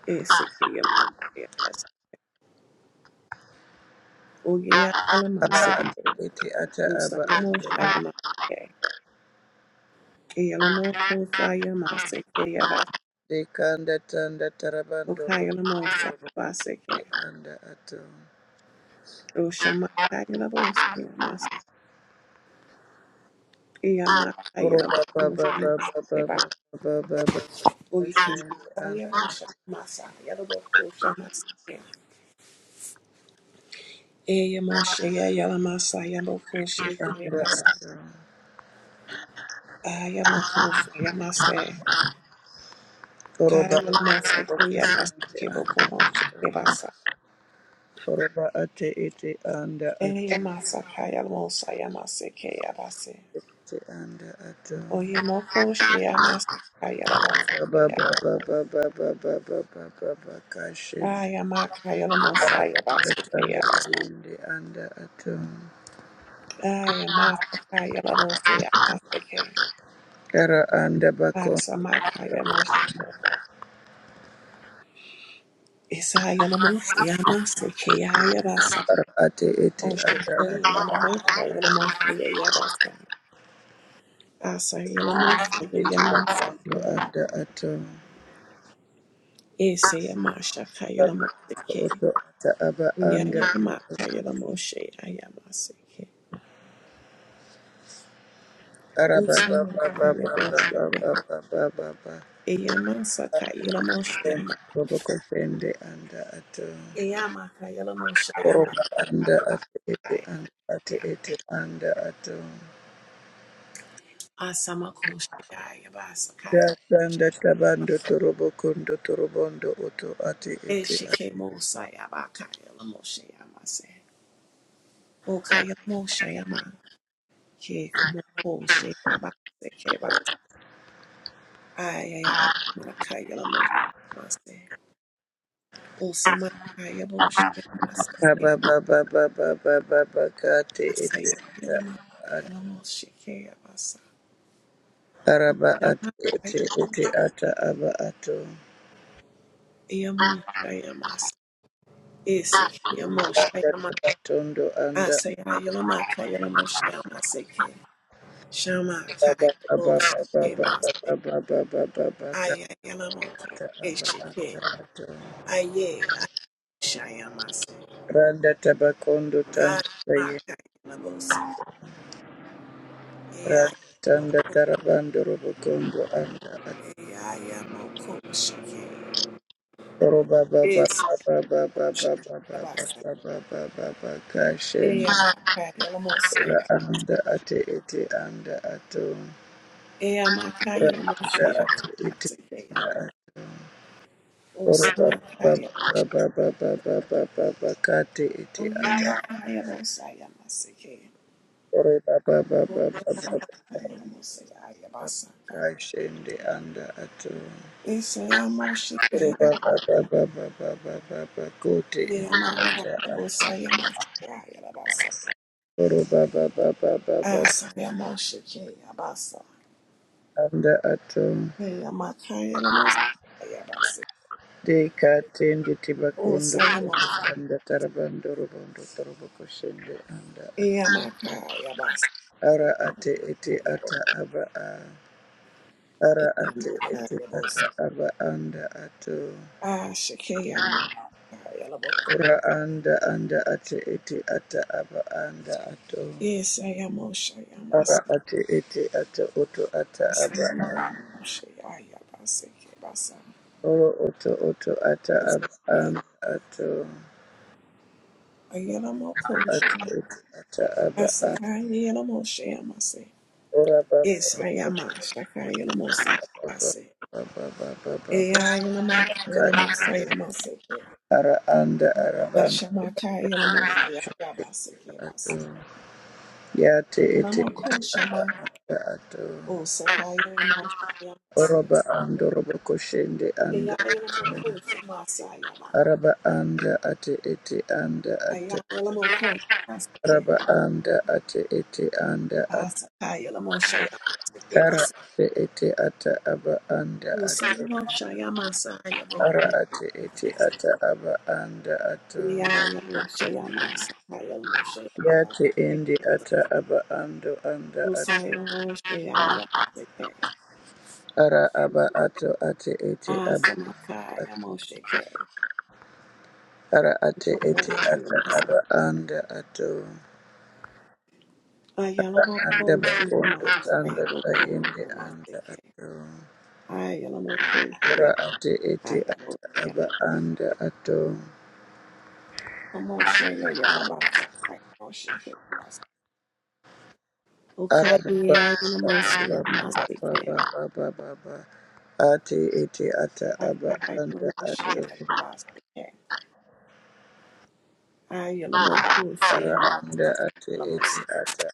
[SPEAKER 1] Ese Yamosha Yabasa
[SPEAKER 2] aba ato ete ata aba
[SPEAKER 1] Usayamo
[SPEAKER 2] ato
[SPEAKER 1] Shayama Kayalamo Kosayama Sekayava
[SPEAKER 2] dekanda tanda tarabando robo
[SPEAKER 1] Okayalamo
[SPEAKER 2] robo
[SPEAKER 1] Sayavaseke
[SPEAKER 2] ete anda ato
[SPEAKER 1] Oshama Kayalabo Sayamas Yama
[SPEAKER 2] roba
[SPEAKER 1] Kayalabo
[SPEAKER 2] ba ba ba ba
[SPEAKER 1] Ushamas
[SPEAKER 2] ba
[SPEAKER 1] Leba
[SPEAKER 2] ba ba ba ba
[SPEAKER 1] Oyikim
[SPEAKER 2] kusende anda
[SPEAKER 1] Sayamo Shamasa Yalabo Kushamas Eyamo Shaya Yalama Sayamo Koshe
[SPEAKER 2] anda
[SPEAKER 1] Kayavasa
[SPEAKER 2] ato
[SPEAKER 1] Ayamo
[SPEAKER 2] roba
[SPEAKER 1] Kayalamo
[SPEAKER 2] robo
[SPEAKER 1] Sekayavasa
[SPEAKER 2] kusende anda
[SPEAKER 1] Kiboko Moshe
[SPEAKER 2] ato roba ate ete anda ato
[SPEAKER 1] Eyamasa Kayalamo Sayamase Kayavase
[SPEAKER 2] ete anda ato
[SPEAKER 1] Oyemoko Shea Maskaya
[SPEAKER 2] ba
[SPEAKER 1] Lavasaya.
[SPEAKER 2] ba ba ba ba ba ba ba ba ba ba kashende
[SPEAKER 1] Aya Makaya
[SPEAKER 2] anda
[SPEAKER 1] Lamosaya
[SPEAKER 2] tanda
[SPEAKER 1] Basikaya Basaya.
[SPEAKER 2] anda ato
[SPEAKER 1] Aya Masakaya Lavosaya Masake.
[SPEAKER 2] Kara anda bako
[SPEAKER 1] Asa Makaya Moshike. Isaya Lamosaya Masikaya Yabasa.
[SPEAKER 2] ara ate ete ata
[SPEAKER 1] Oshikaya
[SPEAKER 2] ata
[SPEAKER 1] Yanamakaya Lamosaya Yabasa. Asa Yalamosaya
[SPEAKER 2] ete bakondo
[SPEAKER 1] Yamasake.
[SPEAKER 2] anda ato
[SPEAKER 1] Isaya Mashakaya Lamosake.
[SPEAKER 2] oto ata aba anda
[SPEAKER 1] Yaya Makaya Lamosaya Yamasake.
[SPEAKER 2] ara ba ba
[SPEAKER 1] Osama
[SPEAKER 2] ba ba ba ba
[SPEAKER 1] Kaya
[SPEAKER 2] ba ba ba ba ba ba
[SPEAKER 1] Eyama saka yelamo shayama.
[SPEAKER 2] roboko fende anda ato
[SPEAKER 1] Eyama ka yelamo shayama.
[SPEAKER 2] koroba anda ate ete anda ate ete anda ato
[SPEAKER 1] Asama ko shayaya
[SPEAKER 2] da
[SPEAKER 1] basakaya.
[SPEAKER 2] anda tabando torobo kondo torobondo oto ate ete
[SPEAKER 1] Eshike mo sayaba ka yelamo shayama se. O ka yelamo shayama. Ke kamo ko shayaba se ke ba. Ayayay. Ka yelamo shayama se. O sama ka yelamo shayama se ke.
[SPEAKER 2] Kaba baba baba baba baka te ete
[SPEAKER 1] Asaya yelama ka
[SPEAKER 2] ata at-
[SPEAKER 1] yelamo shayama se. ke yabasa.
[SPEAKER 2] araba ate ete ete ata aba ato
[SPEAKER 1] Yama ka yelamo Isik
[SPEAKER 2] ata
[SPEAKER 1] Yamoshayama
[SPEAKER 2] batondo anda
[SPEAKER 1] Asayayalamakayalamoshayamase Shama
[SPEAKER 2] baba baba
[SPEAKER 1] Kayabo
[SPEAKER 2] baba
[SPEAKER 1] Sikemase
[SPEAKER 2] baba baba baba baka
[SPEAKER 1] Ayayalamoke
[SPEAKER 2] ata aba
[SPEAKER 1] Eshike
[SPEAKER 2] anda ato
[SPEAKER 1] Aye Ayashayamase
[SPEAKER 2] randa tabakondo tanda taye
[SPEAKER 1] Ayamakayalabose
[SPEAKER 2] randa tanda tarabando robokondo anda ato
[SPEAKER 1] Ayayamoko Shike
[SPEAKER 2] roba baba
[SPEAKER 1] Is
[SPEAKER 2] baba baba baba baba
[SPEAKER 1] Shabasa
[SPEAKER 2] baba baba baka
[SPEAKER 1] Eyamakayalamosa
[SPEAKER 2] ra anda ate ete anda ato ra anda ate ete
[SPEAKER 1] Eyamakayalamoshayamase
[SPEAKER 2] anda ato ore ba ba
[SPEAKER 1] Osamakayalamoshayamase
[SPEAKER 2] ba ba ba ba ba ba ba ba kate ete
[SPEAKER 1] Oye
[SPEAKER 2] ata
[SPEAKER 1] makaya bosaya masike.
[SPEAKER 2] ore ba ba ba ba
[SPEAKER 1] Moshe
[SPEAKER 2] ba ba ba ba
[SPEAKER 1] makaya bosaya basaka.
[SPEAKER 2] kashende anda ato
[SPEAKER 1] Ese
[SPEAKER 2] ore
[SPEAKER 1] amoshike
[SPEAKER 2] ba
[SPEAKER 1] ya.
[SPEAKER 2] ba ba ba ba ba ba ba ba kote ete
[SPEAKER 1] Ese makaya
[SPEAKER 2] ata aba.
[SPEAKER 1] bosaya moshaya basa.
[SPEAKER 2] ore ba ba ba ba ba ba
[SPEAKER 1] Asaya moshike ya basa.
[SPEAKER 2] anda ato
[SPEAKER 1] Ese makaya bosaya basa.
[SPEAKER 2] de katende tibakondo
[SPEAKER 1] Osaya moshaya.
[SPEAKER 2] anda tarabando robondo torobo koshende anda
[SPEAKER 1] Ese makaya basa.
[SPEAKER 2] ara ate ete ata aba a ara
[SPEAKER 1] Ese
[SPEAKER 2] ate ete
[SPEAKER 1] makaya bosaya.
[SPEAKER 2] ata aba anda ato
[SPEAKER 1] Ashike ya makaya boko.
[SPEAKER 2] ora anda anda ate ete ata aba anda ato
[SPEAKER 1] Ese amoshaya masa.
[SPEAKER 2] ara ate ete ata oto ata
[SPEAKER 1] Yes, I
[SPEAKER 2] aba
[SPEAKER 1] am
[SPEAKER 2] a
[SPEAKER 1] a shakayamosa.
[SPEAKER 2] oro oto oto ata aba anda ato ate ete ata aba a ora ba ba ba ba
[SPEAKER 1] I
[SPEAKER 2] ba
[SPEAKER 1] say,
[SPEAKER 2] ba ba ba ba ba
[SPEAKER 1] Ea
[SPEAKER 2] ba.
[SPEAKER 1] yamaka yalamosa yamaseke.
[SPEAKER 2] ara anda ara banda
[SPEAKER 1] Nashamaka yalamosa yabaseke basa.
[SPEAKER 2] ato yate
[SPEAKER 1] And I'm
[SPEAKER 2] ete
[SPEAKER 1] a cool
[SPEAKER 2] aba
[SPEAKER 1] shama.
[SPEAKER 2] anda ato
[SPEAKER 1] Oh, sakayamasa yamase.
[SPEAKER 2] oroba ando robo koshende
[SPEAKER 1] Ea
[SPEAKER 2] anda ato.
[SPEAKER 1] yalamako shamasa yaba.
[SPEAKER 2] araba anda ate ete anda
[SPEAKER 1] Aya
[SPEAKER 2] ato
[SPEAKER 1] yalamoko yamaseke.
[SPEAKER 2] araba anda ate ete anda ato
[SPEAKER 1] Asakayamosha
[SPEAKER 2] Kara ate ete ata aba anda ato
[SPEAKER 1] Usayama Shayamasa Yabo
[SPEAKER 2] ara ate ete ata aba anda ato
[SPEAKER 1] Yayabo Shayamasa Yamo Shayaba
[SPEAKER 2] yate ende ata aba ando anda ato
[SPEAKER 1] Usayamo Shayamasa
[SPEAKER 2] ara aba ato ate ete aba
[SPEAKER 1] Asamaka Yamo Shake
[SPEAKER 2] ara ate ete
[SPEAKER 1] Komo
[SPEAKER 2] ata
[SPEAKER 1] Shayamasa
[SPEAKER 2] aba anda ato
[SPEAKER 1] Ayalamo
[SPEAKER 2] anda
[SPEAKER 1] Ko
[SPEAKER 2] bakondo
[SPEAKER 1] Shayamasa
[SPEAKER 2] tanda
[SPEAKER 1] Yabo Ko
[SPEAKER 2] tayende
[SPEAKER 1] Shayamasa
[SPEAKER 2] anda
[SPEAKER 1] Ke
[SPEAKER 2] ato
[SPEAKER 1] Ayalamo Ko Shayabo
[SPEAKER 2] ara ate ete ata
[SPEAKER 1] Shayam
[SPEAKER 2] aba anda ato
[SPEAKER 1] Komo Shayabasa Yamo Shake
[SPEAKER 2] ara baba
[SPEAKER 1] Ukaya Yamo
[SPEAKER 2] baba baba
[SPEAKER 1] Shayamasa
[SPEAKER 2] baba baba baba ate ete ata
[SPEAKER 1] I
[SPEAKER 2] aba
[SPEAKER 1] am
[SPEAKER 2] anda ato ara anda
[SPEAKER 1] the
[SPEAKER 2] ate ete ata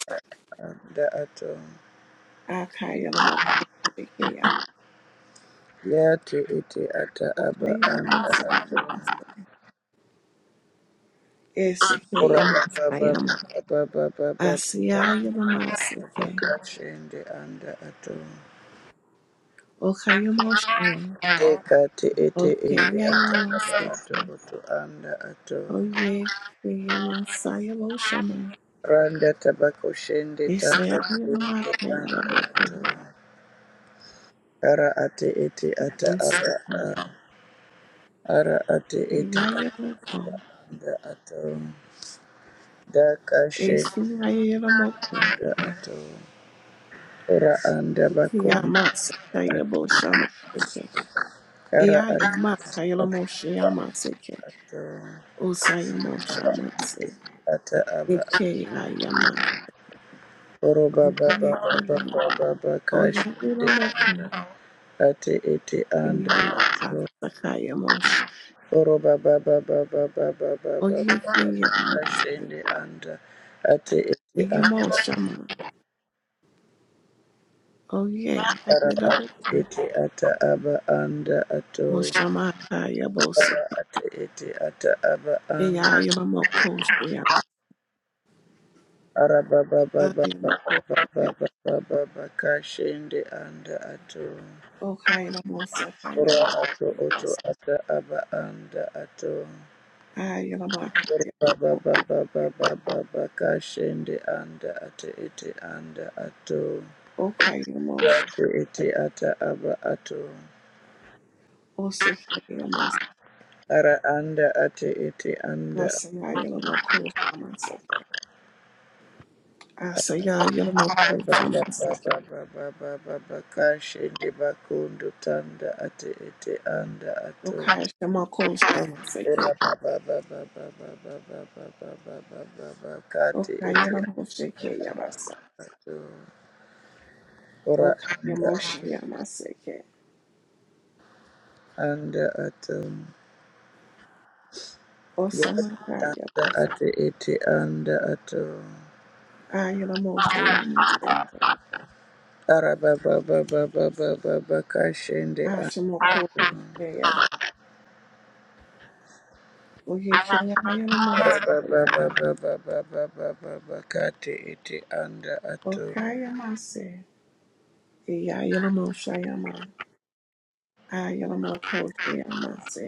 [SPEAKER 2] anda ato yate ete ata aba anda ato ora baba baba baba baba Akashende anda ato.
[SPEAKER 1] master.
[SPEAKER 2] Dekati ete ende ata aba ato oto anda ato. Randa tabako shende tato ete anda ato. Ara ate ete ata aba a. Ara ate ete anda ato. Daka shende anda ato. Ora anda bako.
[SPEAKER 1] Ukiyamasakayaboshamanseke.
[SPEAKER 2] Ara ate
[SPEAKER 1] Eyayamakayalamoshyamaseke.
[SPEAKER 2] ato.
[SPEAKER 1] Usayamoshamase.
[SPEAKER 2] Ata aba
[SPEAKER 1] Ekeyayamas.
[SPEAKER 2] Oroba baba baba
[SPEAKER 1] Oyeyeye.
[SPEAKER 2] baba bakash
[SPEAKER 1] Oyayalamoko.
[SPEAKER 2] ate ete and
[SPEAKER 1] Eyeyabasakayamosha.
[SPEAKER 2] Oroba baba baba baba baba
[SPEAKER 1] Oyekeyamase.
[SPEAKER 2] kashende and ate ete and
[SPEAKER 1] Eyemoshama. Oye.
[SPEAKER 2] ara
[SPEAKER 1] Ayelaboko.
[SPEAKER 2] ate ete ata aba and ato ara
[SPEAKER 1] Oshamakayaboseke.
[SPEAKER 2] ate ete ata aba and
[SPEAKER 1] Eyayalamokoshyam.
[SPEAKER 2] ara baba baba baba
[SPEAKER 1] Yayalamokoseke.
[SPEAKER 2] baba baba bakashende and ato ora ato
[SPEAKER 1] Okayalamosakayamoseke.
[SPEAKER 2] oto ata aba and ato.
[SPEAKER 1] Ayamakaya
[SPEAKER 2] Baba baba baba baba kashende anda ate ete anda ato
[SPEAKER 1] Okayamosh
[SPEAKER 2] ate ete ata aba ato
[SPEAKER 1] Osekayama
[SPEAKER 2] ara anda ate ete anda
[SPEAKER 1] Asaya Yalamoko Shamaseke Asaya Yalamoko
[SPEAKER 2] baba baba
[SPEAKER 1] Shamaseke
[SPEAKER 2] baba baba baba kashende bakondo tanda ate ete anda ato
[SPEAKER 1] Okaya Shamako
[SPEAKER 2] ora
[SPEAKER 1] Shamaseke
[SPEAKER 2] baba baba baba baba baba baba baba kate ete
[SPEAKER 1] Okayamoko Sheke Yabasa
[SPEAKER 2] ato ora anda
[SPEAKER 1] Okayamoshe Yamaseke
[SPEAKER 2] anda ato Ya anda
[SPEAKER 1] Osamakaya
[SPEAKER 2] ate ete anda ato.
[SPEAKER 1] Ayalamoshe Yamase
[SPEAKER 2] Araba baba baba baba baka shende anda.
[SPEAKER 1] Ashamoko Sheke Yabasa Oyekaya Yalamose
[SPEAKER 2] Araba
[SPEAKER 1] Yabasa
[SPEAKER 2] baba baba baba baba baka ate ete anda ato.
[SPEAKER 1] Okayamase Yayalamoshe Yamase Kayalamokoseyamase.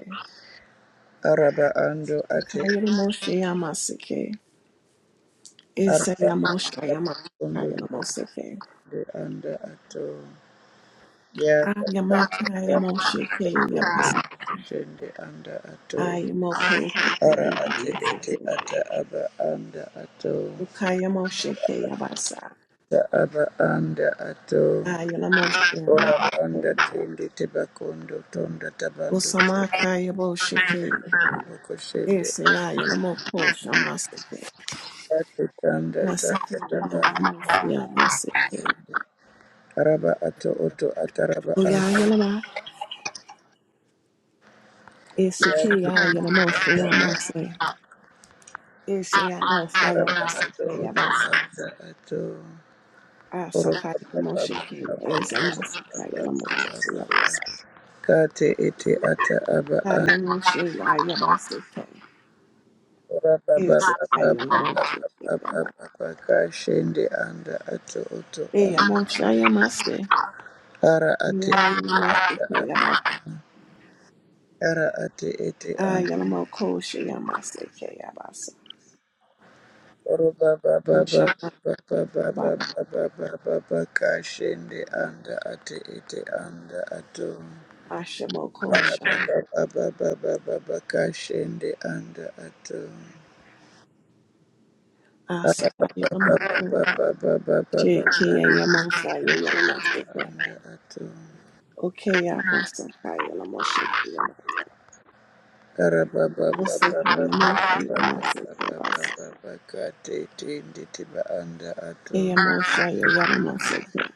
[SPEAKER 2] Araba ando ate
[SPEAKER 1] Kayalamoseyamaseke.
[SPEAKER 2] araba anda bundo
[SPEAKER 1] Isayamosayamakayalamoseke.
[SPEAKER 2] tende anda ato. Ya tata anda
[SPEAKER 1] Ayamakayamosheke
[SPEAKER 2] bundo
[SPEAKER 1] yabasa.
[SPEAKER 2] shende anda ato.
[SPEAKER 1] Ayamokoseke
[SPEAKER 2] Ara ate ete
[SPEAKER 1] yamaseke.
[SPEAKER 2] ata aba anda ato.
[SPEAKER 1] Ukayamosheke yabasa.
[SPEAKER 2] Ta aba anda ato.
[SPEAKER 1] Ayalamoseyamaseke.
[SPEAKER 2] Orabanda tende tebakondo tonda tabando
[SPEAKER 1] Usamakayamosheke.
[SPEAKER 2] koshende
[SPEAKER 1] Isayayalamokosamaseke.
[SPEAKER 2] ate tanda
[SPEAKER 1] Aseke
[SPEAKER 2] tanda taba
[SPEAKER 1] yayalamoseyamaseke.
[SPEAKER 2] araba ato oto ataraba anda
[SPEAKER 1] Uyayalamase. Isike
[SPEAKER 2] yake
[SPEAKER 1] yayalamoseyamaseke. Eseyamosaya
[SPEAKER 2] araba ato
[SPEAKER 1] masakeya
[SPEAKER 2] oto
[SPEAKER 1] basa.
[SPEAKER 2] anda ato oroba
[SPEAKER 1] Asakaya
[SPEAKER 2] baba
[SPEAKER 1] moshekeya
[SPEAKER 2] baba baba
[SPEAKER 1] ezamasakaya
[SPEAKER 2] baba
[SPEAKER 1] lamoshekeya basa.
[SPEAKER 2] baba kate ete ata aba
[SPEAKER 1] Aya
[SPEAKER 2] anda
[SPEAKER 1] mosheya aya basakeya.
[SPEAKER 2] oraba baba
[SPEAKER 1] Eseyaya
[SPEAKER 2] baba baba
[SPEAKER 1] moshekeya
[SPEAKER 2] baba
[SPEAKER 1] basa.
[SPEAKER 2] baba kashende anda ato oto
[SPEAKER 1] Eya
[SPEAKER 2] anda
[SPEAKER 1] moshaya mase.
[SPEAKER 2] ara ate
[SPEAKER 1] Yaya masakeya basa.
[SPEAKER 2] Ara ate ete anda
[SPEAKER 1] Aya lamokosheya masakeya basa.
[SPEAKER 2] oro baba baba
[SPEAKER 1] Oshama
[SPEAKER 2] baba baba
[SPEAKER 1] ba.
[SPEAKER 2] baba baba baka anda ate ete anda ato.
[SPEAKER 1] Asha
[SPEAKER 2] Ara
[SPEAKER 1] mokosha.
[SPEAKER 2] baba baba baba baba ka anda ato. Ara
[SPEAKER 1] Asakaya
[SPEAKER 2] baba baba
[SPEAKER 1] lamoko.
[SPEAKER 2] baba baba baba
[SPEAKER 1] Shekeya yamosaya yalamasakaya.
[SPEAKER 2] anda ato.
[SPEAKER 1] Okay, I'm a sucker. I'm a shaker.
[SPEAKER 2] Ara baba baba
[SPEAKER 1] Osekai
[SPEAKER 2] baba
[SPEAKER 1] Yamosha
[SPEAKER 2] baba
[SPEAKER 1] Yamaseke
[SPEAKER 2] baba
[SPEAKER 1] Basa.
[SPEAKER 2] baba baka te nditiba anda ato.
[SPEAKER 1] Yamosha Yanamaseke.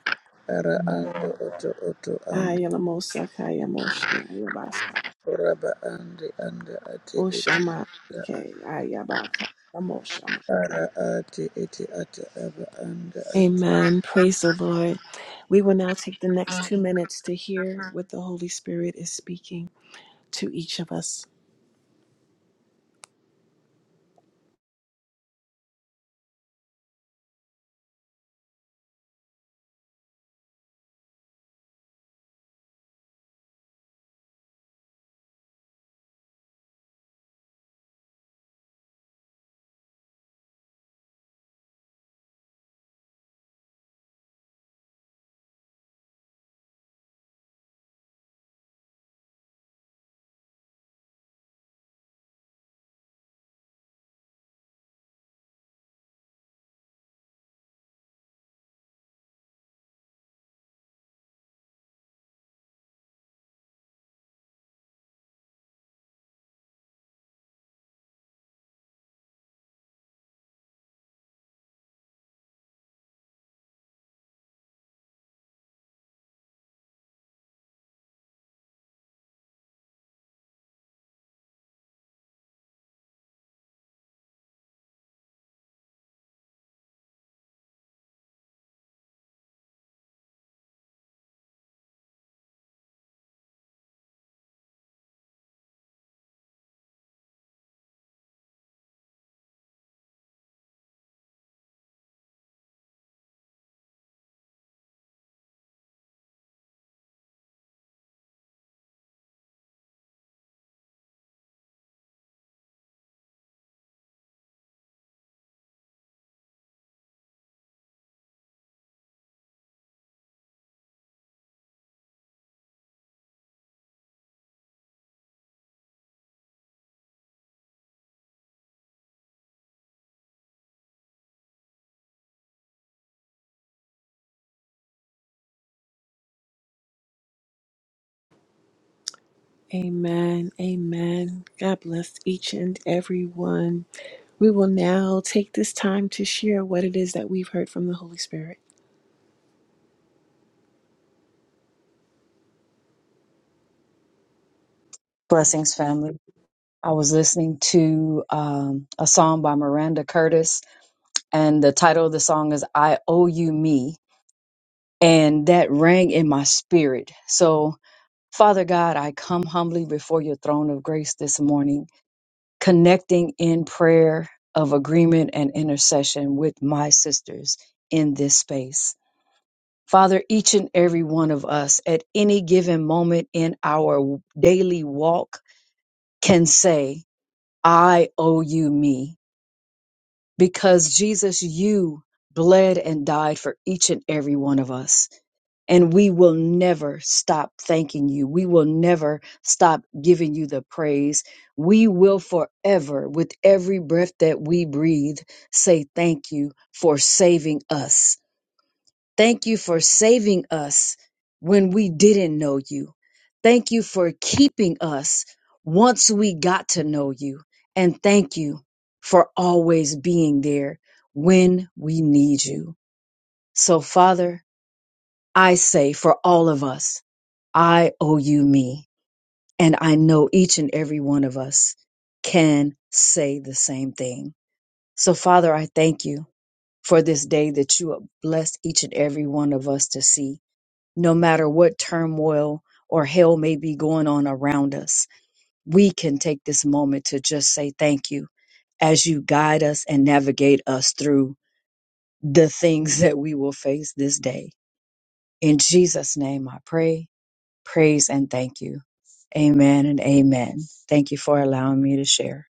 [SPEAKER 2] Ara ando oto oto
[SPEAKER 1] Ayalamosa Kayamosha Yabasa.
[SPEAKER 2] Raba ande anda ate ete
[SPEAKER 1] Oshama Seke Ayabaka Yamoshama.
[SPEAKER 2] ara ate ete ate aba anda ate.
[SPEAKER 1] Amen. Praise the Lord. We will now take the next two minutes to hear what the Holy Spirit is speaking to each of us. Amen. Amen. God bless each and every one. We will now take this time to share what it is that we've heard from the Holy Spirit.
[SPEAKER 3] Blessings, family. I was listening to um, a song by Miranda Curtis, and the title of the song is I Owe You Me. And that rang in my spirit. So, Father God, I come humbly before your throne of grace this morning, connecting in prayer of agreement and intercession with my sisters in this space. Father, each and every one of us at any given moment in our daily walk can say, I owe you me because Jesus, you bled and died for each and every one of us. And we will never stop thanking you. We will never stop giving you the praise. We will forever, with every breath that we breathe, say thank you for saving us Thank you for saving us when we didn't know you. Thank you for keeping us once we got to know you. And thank you for always being there when we need you. So, Father, I say for all of us, I owe you me. And I know each and every one of us can say the same thing. So, Father, I thank you for this day that you have blessed each and every one of us to see no matter what turmoil or hell may be going on around us, we can take this moment to just say thank you as you guide us and navigate us through the things [laughs] that we will face this day. In Jesus' name, I pray, praise, and thank you. Amen and amen. Thank you for allowing me to share.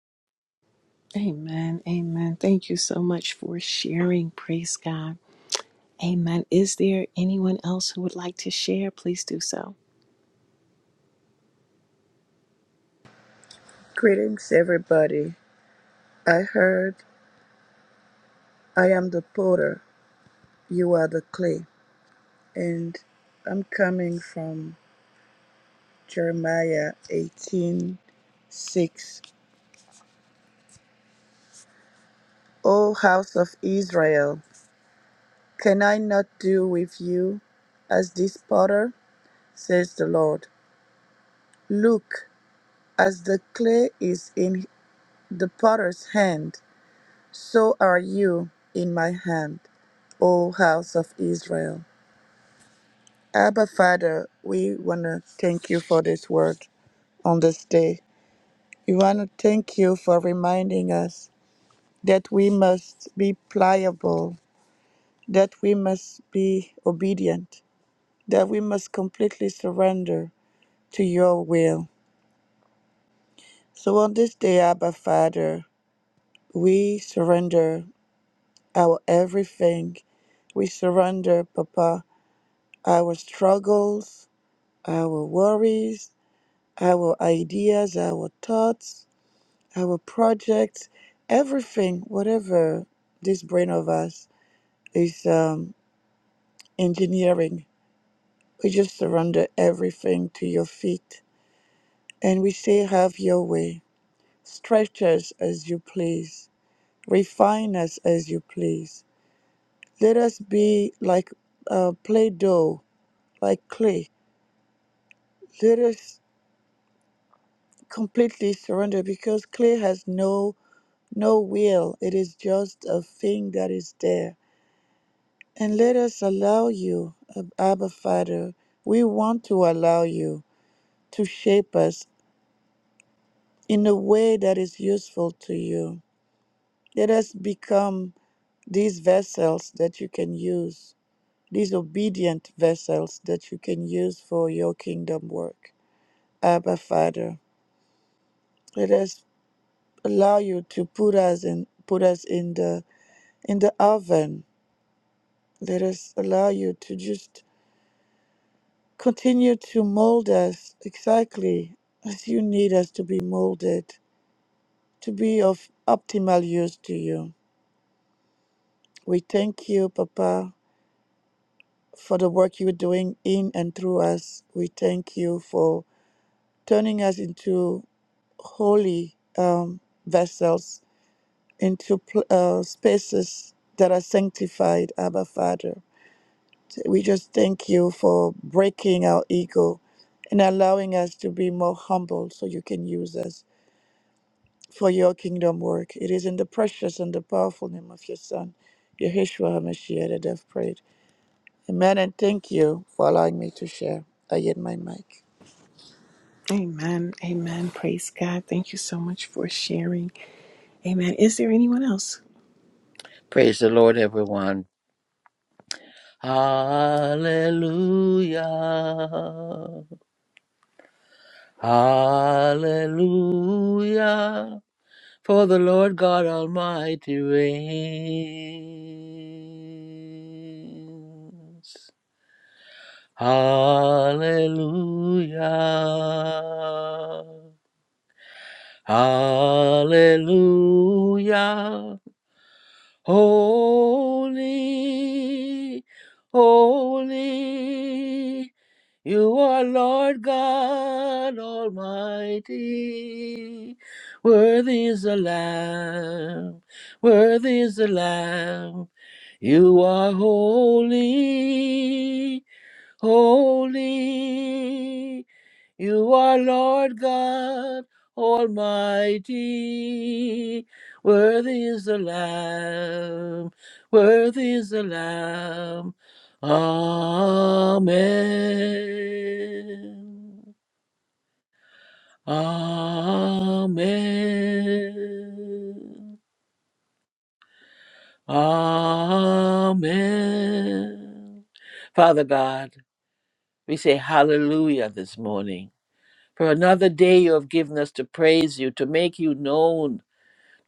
[SPEAKER 1] Amen. Amen. Thank you so much for sharing. Praise God. Amen. Is there anyone else who would like to share? Please do so.
[SPEAKER 2] Greetings, everybody. I heard I am the potter, you are the clay, and I'm coming from Jeremiah 18 6. O house of Israel, can I not do with you as this potter? says the Lord. Look, as the clay is in the potter's hand So are you in my hand, O house of Israel. Abba, Father, we want to thank you for this word on this day. We want to thank you for reminding us that we must be pliable, that we must be obedient, that we must completely surrender to your will. So on this day, Abba, Father, we surrender our everything. We surrender, Papa, our struggles, our worries, our ideas, our thoughts, our projects, everything, whatever this brain of us is um, engineering. We just surrender everything to your feet and we say, Have your way. Stretch us as you please, refine us as you please. Let us be like uh, Play Doh, like clay. Let us completely surrender because clay has no no will, it is just a thing that is there. And let us allow you, Ab- Abba Father, we want to allow you to shape us in a way that is useful to you. Let us become these vessels that you can use, these obedient vessels that you can use for your kingdom work. Abba Father, let us allow you to put us in put us in the in the oven. Let us allow you to just Continue to mold us exactly as you need us to be molded, to be of optimal use to you. We thank you, Papa, for the work you're doing in and through us. We thank you for turning us into holy um, vessels, into pl- uh, spaces that are sanctified, Abba Father. We just thank you for breaking our ego and allowing us to be more humble so you can use us. for your kingdom work. It is in the precious and the powerful name of your Son, Yeshua HaMashiach, that I've prayed. Amen, and thank you for allowing me to share. I yield my mic.
[SPEAKER 1] Amen. Amen. Praise God. Thank you so much for sharing. Amen. Is there anyone else?
[SPEAKER 4] Praise the Lord, everyone. Hallelujah. Hallelujah. For the Lord God Almighty reigns. Hallelujah. Hallelujah. Holy, holy, you are Lord God Almighty. Worthy is the Lamb, worthy is the Lamb. You are holy, holy. You are Lord God Almighty. Worthy is the Lamb. Worthy is the Lamb. Amen. Amen. Amen. Father God, we say hallelujah this morning for another day you have given us to praise you, to make you known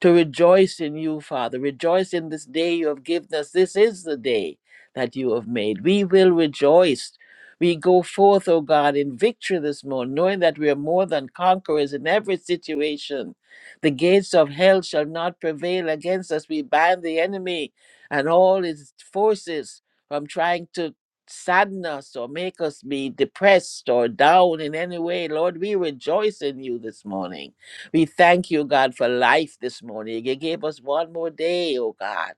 [SPEAKER 4] to rejoice in you, Father. Rejoice in this day you have given us. This is the day that you have made. We will rejoice. We go forth, O God, in victory this morning, knowing that we are more than conquerors in every situation. The gates of hell shall not prevail against us. We bind the enemy and all his forces from trying to sadden us or make us be depressed or down in any way. Lord, we rejoice in you this morning. We thank you, God, for life this morning. You gave us one more day, oh God.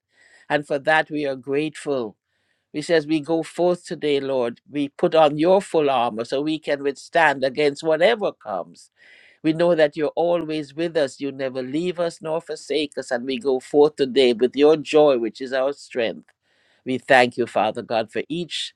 [SPEAKER 4] And for that, we are grateful. We says we go forth today, Lord. We put on your full armor so we can withstand against whatever comes. We know that you're always with us. You never leave us nor forsake us. And we go forth today with your joy, which is our strength. We thank you, Father God, for each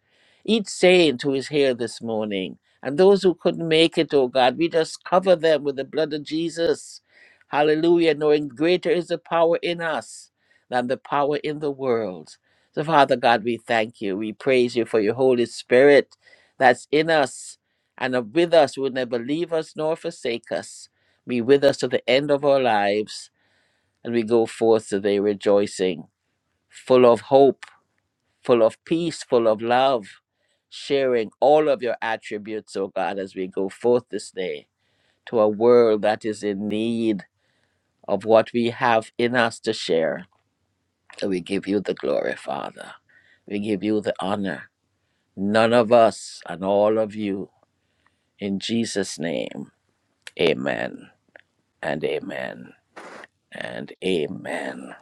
[SPEAKER 4] each saint who is here this morning. And those who couldn't make it, oh God, we just cover them with the blood of Jesus. Hallelujah, knowing greater is the power in us than the power in the world. So, Father God, we thank you. We praise you for your Holy Spirit that's in us and with us, who will never leave us nor forsake us. Be with us to the end of our lives, and we go forth today rejoicing, full of hope full of peace, full of love, sharing all of your attributes, O God, as we go forth this day to a world that is in need of what we have in us to share. And we give you the glory, Father. We give you the honor. None of us and all of you. In Jesus' name, amen and amen and amen.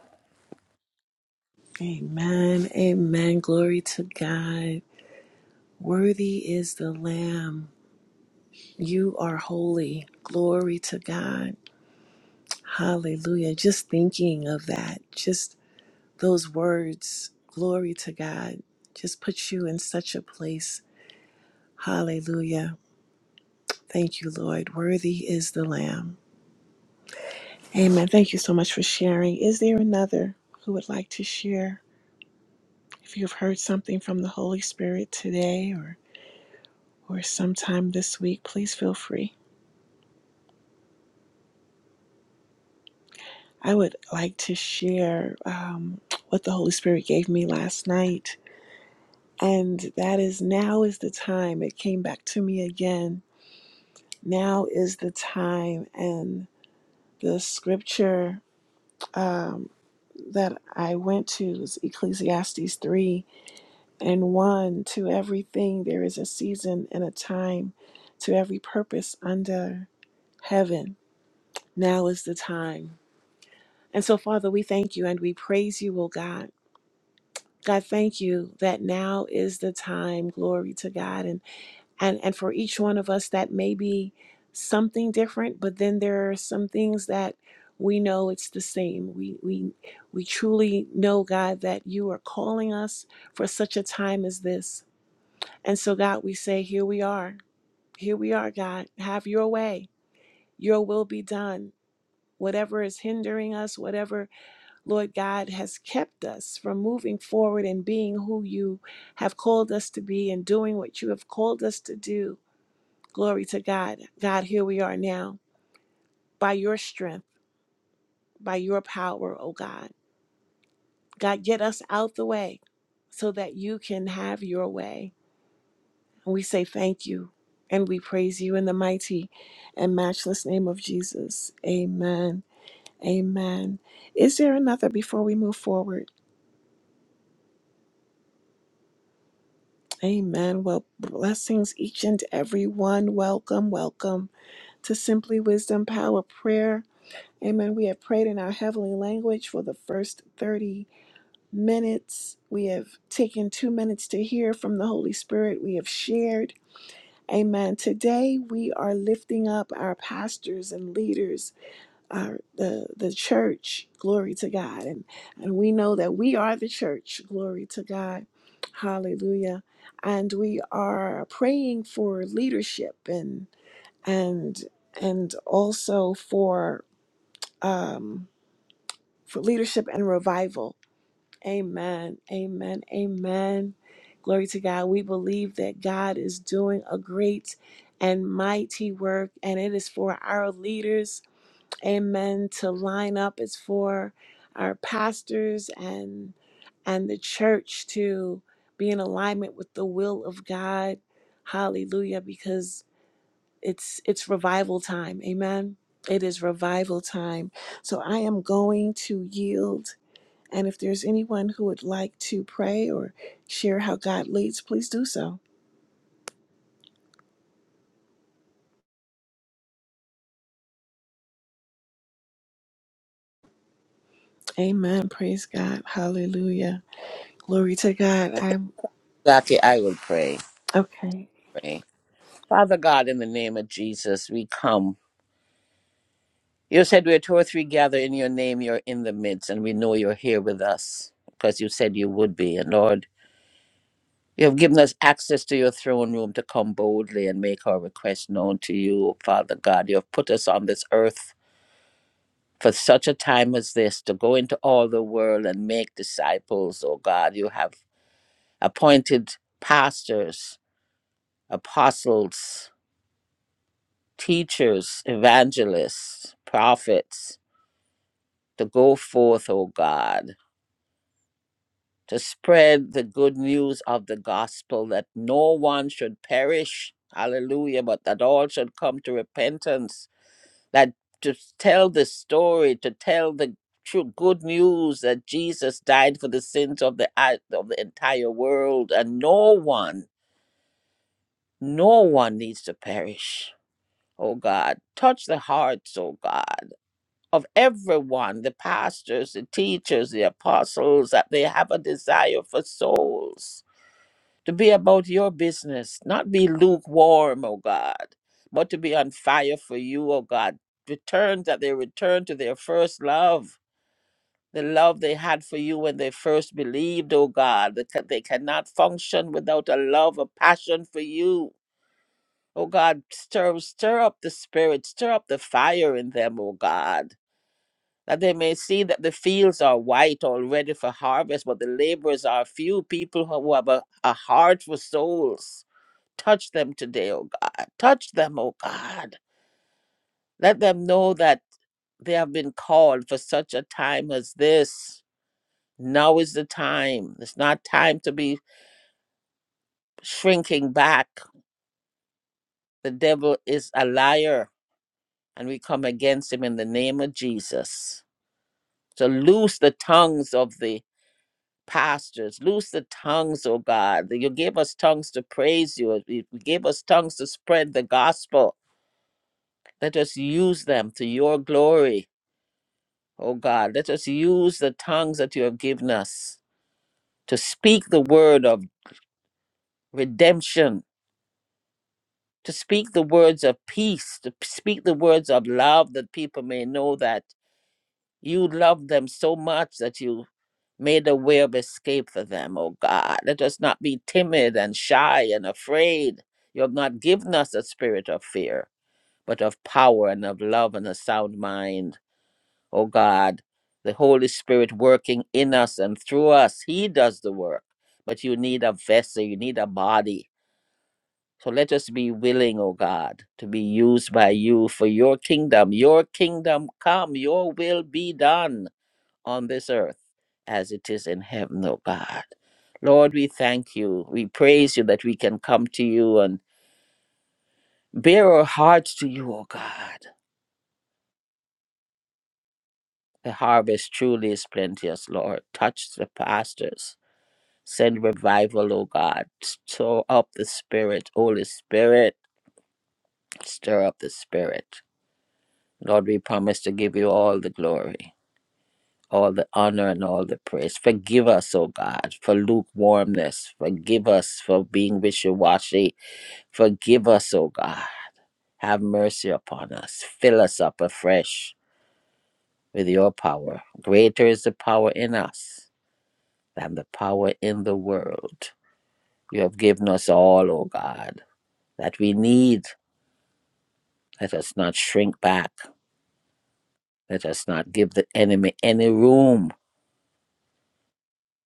[SPEAKER 1] Amen. Amen. Glory to God. Worthy is the Lamb. You are holy. Glory to God. Hallelujah. Just thinking of that. Just those words, glory to God, just puts you in such a place. Hallelujah. Thank you, Lord. Worthy is the Lamb. Amen. Thank you so much for sharing. Is there another who would like to share? If you've heard something from the Holy Spirit today or, or sometime this week, please feel free. I would like to share um, what the Holy Spirit gave me last night. And that is now is the time. It came back to me again Now is the time, and the scripture um, that I went to is Ecclesiastes 3 and 1. To everything there is a season and a time, to every purpose under heaven. Now is the time. And so, Father, we thank you and we praise you, O God. God, thank you that now is the time. Glory to God. And and and for each one of us that may be something different but then there are some things that we know it's the same we we we truly know god that you are calling us for such a time as this and so god we say here we are here we are god have your way your will be done whatever is hindering us whatever lord god has kept us from moving forward and being who you have called us to be and doing what you have called us to do Glory to God. God, here we are now. By your strength, by your power, oh God. God, get us out the way so that you can have your way. And we say thank you and we praise you in the mighty and matchless name of Jesus. Amen. Amen. Is there another before we move forward? Amen. Well, blessings each and every one. Welcome, welcome to Simply Wisdom Power Prayer. Amen. We have prayed in our heavenly language for the first 30 minutes. We have taken two minutes to hear from the Holy Spirit. We have shared. Amen. Today we are lifting up our pastors and leaders, our the the church. Glory to God. And and we know that we are the church. Glory to God. Hallelujah. And we are praying for leadership and and and also for um for leadership and revival Amen. Amen. Amen. Glory to God. We believe that God is doing a great and mighty work, and it is for our leaders, amen, to line up. It's for our pastors and and the church to be in alignment with the will of God. Hallelujah. Because it's it's revival time. Amen. It is revival time. So I am going to yield and if there's anyone who would like to pray or share how God leads, please do so. Amen. Praise God. Hallelujah. Glory to God. I'm
[SPEAKER 4] Zaki, I will pray.
[SPEAKER 1] okay.
[SPEAKER 4] pray. Father God, in the name of Jesus, we come. You said where two or three gather in your name, you're in the midst, and we know you're here with us because you said you would be. And Lord, you have given us access to your throne room to come boldly and make our request known to you, Father God. You have put us on this earth for such a time as this to go into all the world and make disciples, oh God. You have appointed pastors, apostles, teachers, evangelists, prophets to go forth, oh God to spread the good news of the gospel that no one should perish, hallelujah, but that all should come to repentance. That to tell the story, to tell the true good news that Jesus died for the sins of the i- of the entire world, and no one, no one needs to perish. Oh God, touch the hearts, oh God, of everyone, the pastors, the teachers, the apostles, that they have a desire for souls to be about your business, not be lukewarm, O God, but to be on fire for you, O God. Return that they return to their first love, the love they had for you when they first believed, O God. They, ca- they cannot function without a love, a passion for you. O God, stir, stir up the spirit, stir up the fire in them, O God, that they may see that the fields are white already for harvest, but the laborers are few people who have a, a heart for souls. Touch them today, oh God. Touch them, oh God. Let them know that they have been called for such a time as this. Now is the time. It's not time to be shrinking back. The devil is a liar, and we come against him in the name of Jesus. So loose the tongues of the pastors. Loose the tongues, oh God. You gave us tongues to praise you. You gave us tongues to spread the gospel. Let us use them to your glory Oh God, let us use the tongues that you have given us to speak the word of redemption, to speak the words of peace, to p- speak the words of love that people may know that you love them so much that you made a way of escape for them, oh God. Let us not be timid and shy and afraid. You have not given us a spirit of fear, but of power and of love and a sound mind. oh God, the Holy Spirit working in us and through us. He does the work. But you need a vessel, you need a body. So let us be willing, oh God, to be used by you for your kingdom. Your kingdom come, your will be done on this earth as it is in heaven, oh God. Lord, we thank you. We praise you that we can come to you and bear our hearts to you, oh God. The harvest truly is plenteous, Lord. Touch the pastors Send revival, O God. Stir up the Spirit, Holy Spirit. Stir up the Spirit. Lord, we promise to give you all the glory, all the honor, and all the praise. Forgive us, O God, for lukewarmness. Forgive us for being wishy washy. Forgive us, O God. Have mercy upon us. Fill us up afresh with your power. Greater is the power in us than the power in the world. You have given us all, O God, that we need. Let us not shrink back. Let us not give the enemy any room.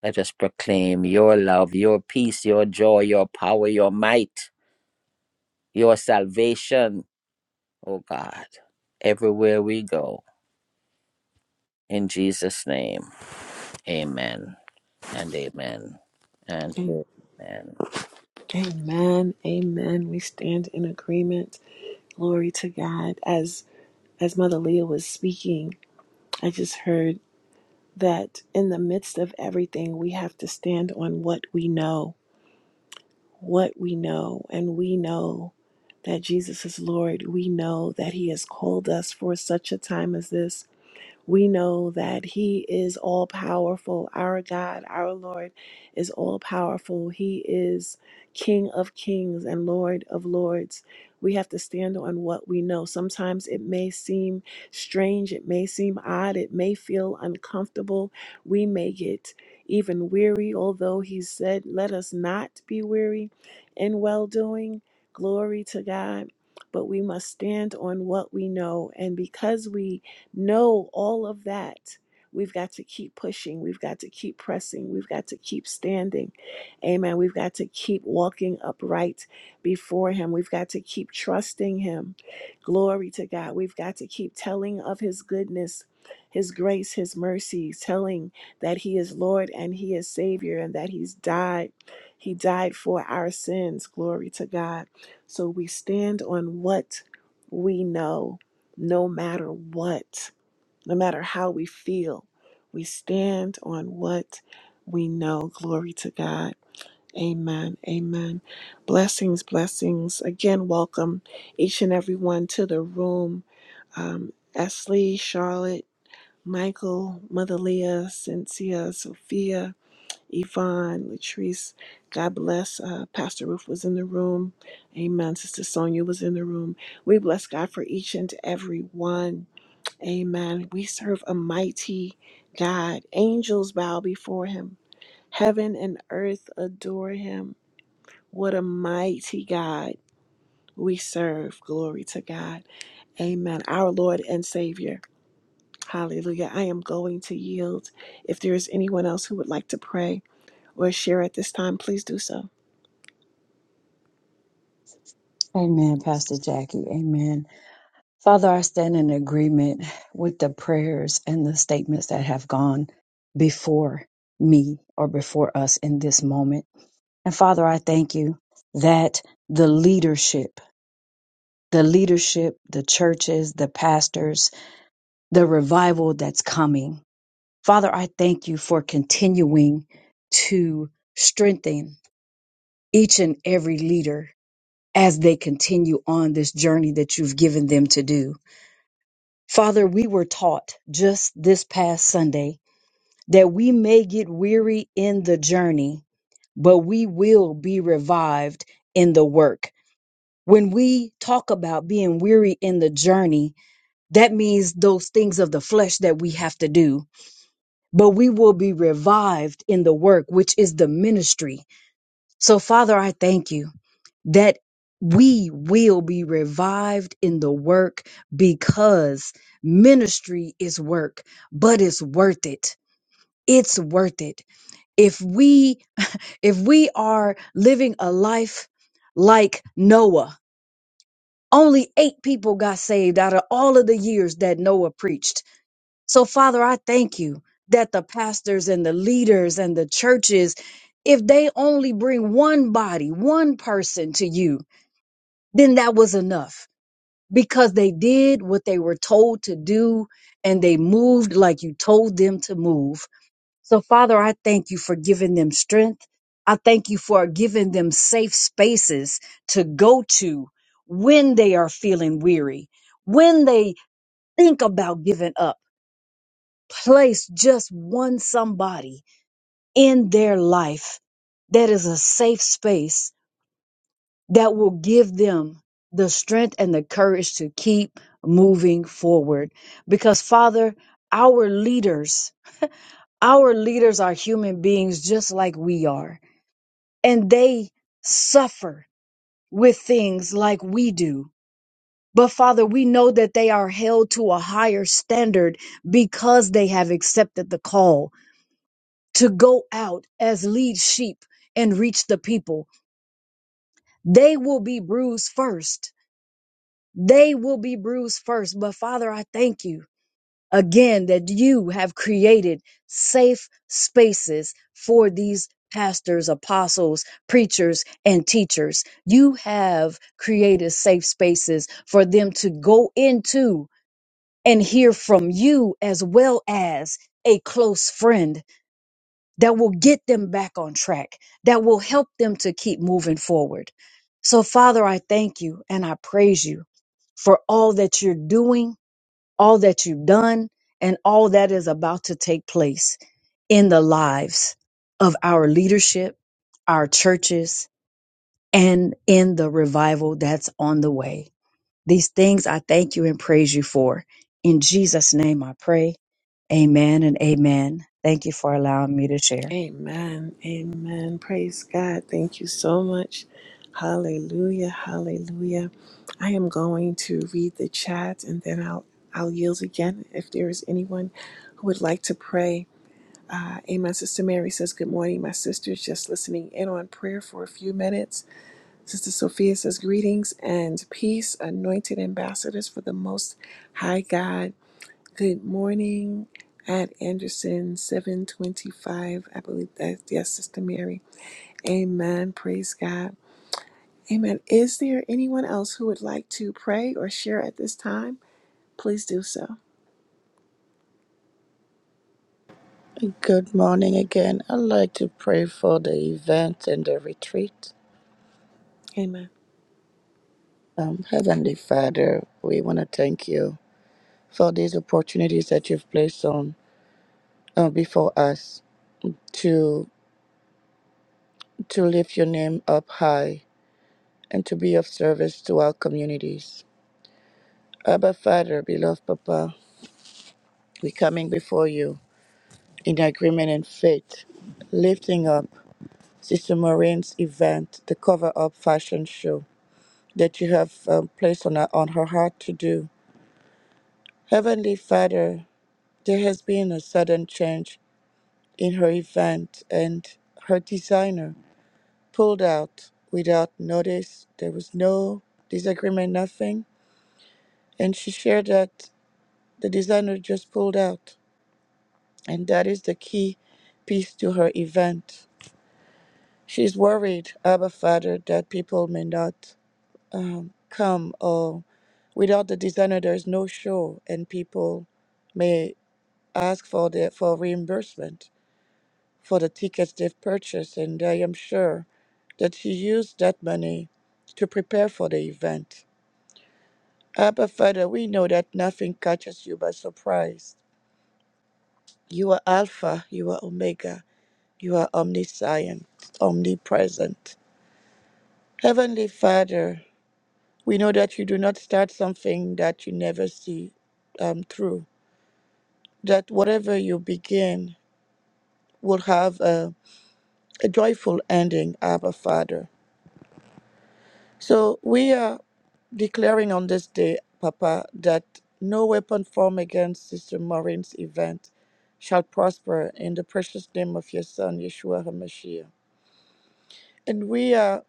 [SPEAKER 4] Let us proclaim your love, your peace, your joy, your power, your might, your salvation, oh God, everywhere we go. In Jesus' name, amen and amen and
[SPEAKER 1] Am-
[SPEAKER 4] amen.
[SPEAKER 1] Amen. Amen. We stand in agreement. Glory to God. As as Mother Leah was speaking, I just heard that in the midst of everything, we have to stand on what we know what we know, and we know that Jesus is Lord. We know that He has called us for such a time as this. We know that He is all powerful. Our God, our Lord, is all powerful. He is King of kings and Lord of lords. We have to stand on what we know. Sometimes it may seem strange, it may seem odd, it may feel uncomfortable. We may get even weary, although He said, Let us not be weary in well doing. Glory to God. But we must stand on what we know. And because we know all of that. We've got to keep pushing. We've got to keep pressing. We've got to keep standing. Amen. We've got to keep walking upright before Him. We've got to keep trusting Him. Glory to God. We've got to keep telling of His goodness, His grace, His mercy, telling that He is Lord and He is Savior and that He's died. He died for our sins. Glory to God. So we stand on what we know, no matter what. No matter how we feel, we stand on what we know. Glory to God. Amen. Amen. Blessings, blessings. Again, welcome each and everyone to the room. Um, Esley, Charlotte, Michael, Mother Leah, Cynthia, Sophia, Yvonne, Latrice. God bless. Uh, Pastor Ruth was in the room. Amen. Sister Sonia was in the room. We bless God for each and every one. Amen. We serve a mighty God. Angels bow before him, heaven and earth adore him. What a mighty God we serve. Glory to God. Amen. Our Lord and Savior. Hallelujah. I am going to yield. If there is anyone else who would like to pray or share at this time, please do so.
[SPEAKER 3] Amen, Pastor Jackie. Amen. Father, I stand in agreement with the prayers and the statements that have gone before me or before us in this moment. And Father, I thank you that the leadership, the leadership, the churches, the pastors, the revival that's coming. Father, I thank you for continuing to strengthen each and every leader as they continue on this journey that you've given them to do. Father, we were taught just this past Sunday that we may get weary in the journey, but we will be revived in the work. When we talk about being weary in the journey, that means those things of the flesh that we have to do, but we will be revived in the work, which is the ministry. So, Father, I thank you that we will be revived in the work because ministry is work, but it's worth it. It's worth it. If we if we are living a life like Noah, only 8 people got saved out of all of the years that Noah preached. So Father, I thank you that the pastors and the leaders and the churches if they only bring one body, one person to you, then that was enough because they did what they were told to do and they moved like you told them to move. So, Father, I thank you for giving them strength. I thank you for giving them safe spaces to go to when they are feeling weary, when they think about giving up. Place just one somebody in their life that is a safe space that will give them the strength and the courage to keep moving forward. Because, Father, our leaders, our leaders are human beings just like we are, and they suffer with things like we do. But Father, we know that they are held to a higher standard because they have accepted the call to go out as lead sheep and reach the people. They will be bruised first They will be bruised first. But Father, I thank you again that you have created safe spaces for these pastors, apostles, preachers, and teachers. You have created safe spaces for them to go into and hear from you as well as a close friend that will get them back on track, that will help them to keep moving forward. So, Father, I thank you and I praise you for all that you're doing, all that you've done, and all that is about to take place in the lives of our leadership, our churches, and in the revival that's on the way. These things I thank you and praise you for. In Jesus' name I pray. Amen and amen. Thank you for allowing me to share.
[SPEAKER 1] Amen. Amen. Praise God. Thank you so much. Hallelujah. Hallelujah. I am going to read the chat and then I'll I'll yield again if there is anyone who would like to pray. Uh, amen. Sister Mary says, Good morning, my sisters. Just listening in on prayer for a few minutes. Sister Sophia says, Greetings and peace, anointed ambassadors for the Most High God. Good morning at Anderson 725. I believe that's yes, Sister Mary. Amen. Praise God. Amen. Is there anyone else who would like to pray or share at this time? Please do so.
[SPEAKER 2] Good morning again. I'd like to pray for the event and the retreat.
[SPEAKER 1] Amen.
[SPEAKER 2] Um, Heavenly Father, we want to thank you for these opportunities that you've placed on uh, before us to to lift your name up high and to be of service to our communities. Abba, Father, beloved Papa, We're coming before you in agreement and faith, lifting up Sister Maureen's event, the cover up fashion show that you have um, placed on her, on her heart to do. Heavenly Father, there has been a sudden change in her event, and her designer pulled out without notice. There was no disagreement, nothing. And she shared that the designer just pulled out, and that is the key piece to her event She's worried, Abba Father, that people may not um, come, or without the designer, there is no show, and people may ask for the for reimbursement for the tickets they've purchased. And I am sure that she used that money to prepare for the event. Abba Father, we know that nothing catches you by surprise. You are Alpha, you are Omega, you are omniscient, omnipresent. Heavenly Father, We know that you do not start something that you never see um, through, that whatever you begin will have a, a joyful ending, Abba Father. So we are declaring on this day, Papa, that no weapon formed against Sister Maureen's event shall prosper in the precious name of your Son, Yeshua HaMashiach. And we are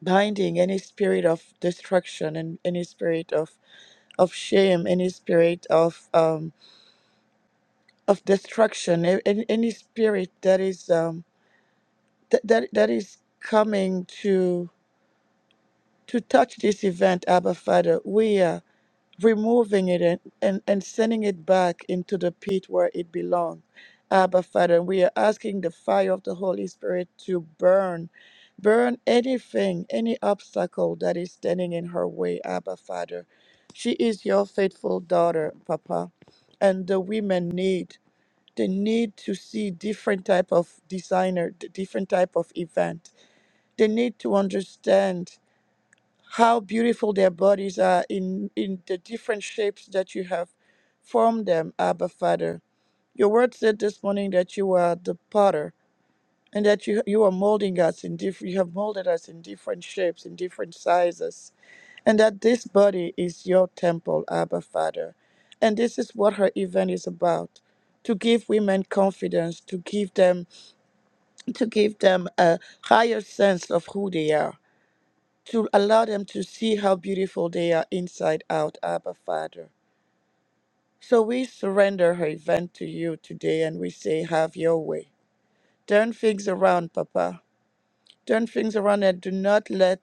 [SPEAKER 2] binding any spirit of destruction and any spirit of, of shame, any spirit of. um. of destruction a- any, any spirit that is um that, that that is coming to to touch this event abba father we are removing it and, and and sending it back into the pit where it belongs abba father we are asking the fire of the holy spirit to burn burn anything any obstacle that is standing in her way abba father she is your faithful daughter papa and the women need they need to see different type of designer d- different type of event they need to understand how beautiful their bodies are in in the different shapes that you have formed them abba father your word said this morning that you are the potter and that you you are molding us in different you have molded us in different shapes in different sizes and that this body is your temple abba father and this is what her event is about to give women confidence to give them to give them a higher sense of who they are, to allow them to see how beautiful they are inside out, Abba Father. So we surrender her event to you today and we say, Have your way. Turn things around, Papa. Turn things around and do not let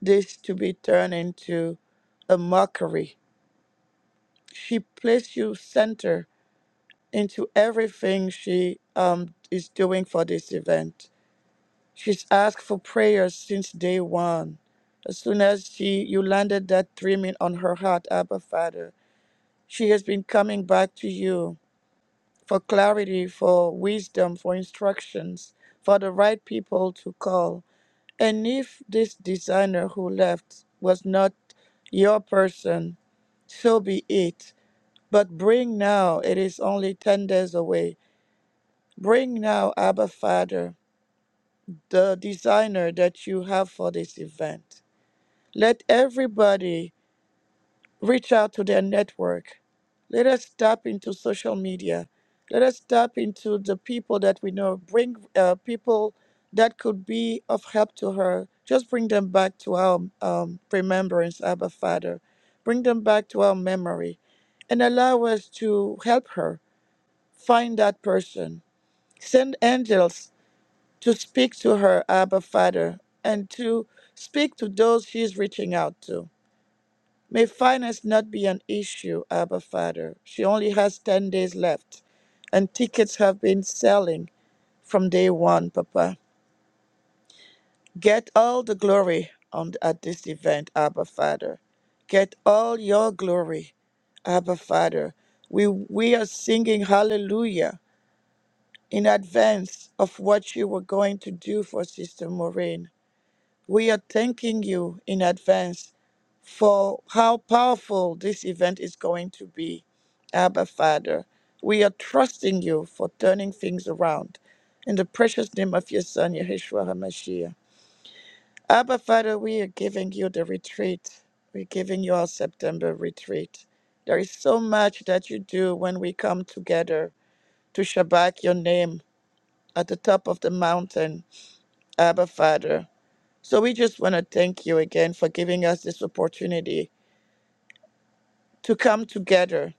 [SPEAKER 2] this to be turned into a mockery. She placed you center into everything she um, is doing for this event. She's asked for prayer since day one. As soon as she you landed that dreaming on her heart, Abba Father, she has been coming back to you for clarity, for wisdom, for instructions, for the right people to call. And if this designer who left was not your person, so be it. But bring now, it is only 10 days away. Bring now, Abba Father, the designer that you have for this event. Let everybody reach out to their network. Let us tap into social media. Let us tap into the people that we know. Bring uh, people that could be of help to her. Just bring them back to our um, remembrance, Abba Father. Bring them back to our memory and allow us to help her find that person. Send angels to speak to her, Abba Father, and to speak to those she's reaching out to May finance not be an issue, Abba Father. She only has 10 days left, and tickets have been selling from day one, Papa. Get all the glory on, at this event, Abba Father. Get all your glory, Abba Father. We, we are singing hallelujah in advance of what you were going to do for Sister Maureen. We are thanking you in advance for how powerful this event is going to be, Abba Father. We are trusting you for turning things around. In the precious name of your Son, Yeshua HaMashiach. Abba Father, we are giving you the retreat. We're giving you our September retreat. There is so much that you do when we come together to Shabbat your name at the top of the mountain, Abba Father. So we just want to thank you again for giving us this opportunity to come together,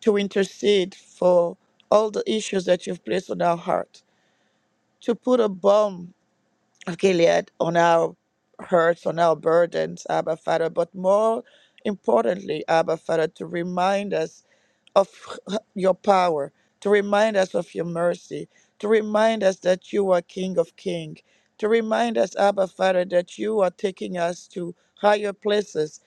[SPEAKER 2] to intercede for all the issues that you've placed on our heart, to put a balm of Gilead on our hurts, on our burdens, Abba Father, but more importantly, Abba Father, to remind us of your power, to remind us of your mercy, to remind us that you are King of Kings, to remind us, Abba Father, that you are taking us to higher places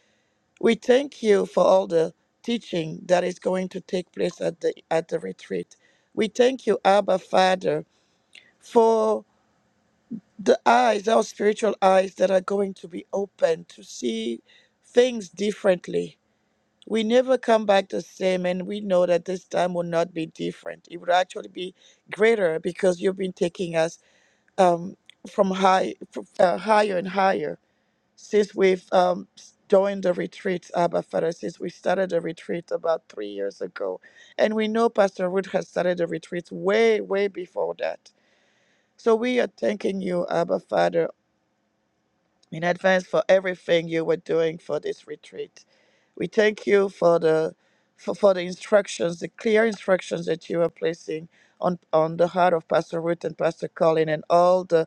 [SPEAKER 2] We thank you for all the teaching that is going to take place at the at the retreat. We thank you, Abba Father, for the eyes, our spiritual eyes that are going to be open to see things differently. We never come back the same, and we know that this time will not be different. It will actually be greater because you've been taking us um, from high, from, uh, higher and higher since we've um, joined the retreat, Abba Father, since we started the retreat about three years ago. And we know Pastor Ruth has started the retreat way, way before that. So we are thanking you, Abba Father, in advance for everything you were doing for this retreat. We thank you for the for, for the instructions, the clear instructions that you are placing on, on the heart of Pastor Ruth and Pastor Colin and all the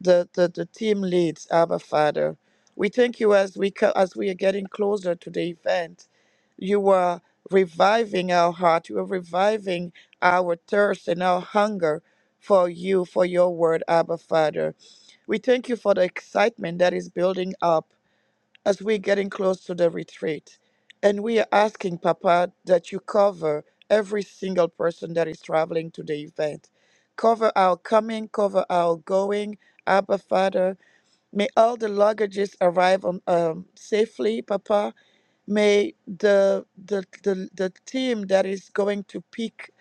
[SPEAKER 2] the, the, the team leads, Abba Father. We thank you as we co- as we are getting closer to the event. You are reviving our heart. You are reviving our thirst and our hunger for you, for your word, Abba Father. We thank you for the excitement that is building up as we're getting close to the retreat. And we are asking, Papa, that you cover every single person that is traveling to the event. Cover our coming, cover our going. Abba, Father, may all the luggages arrive on, um, safely, Papa. May the, the, the, the team that is going to pick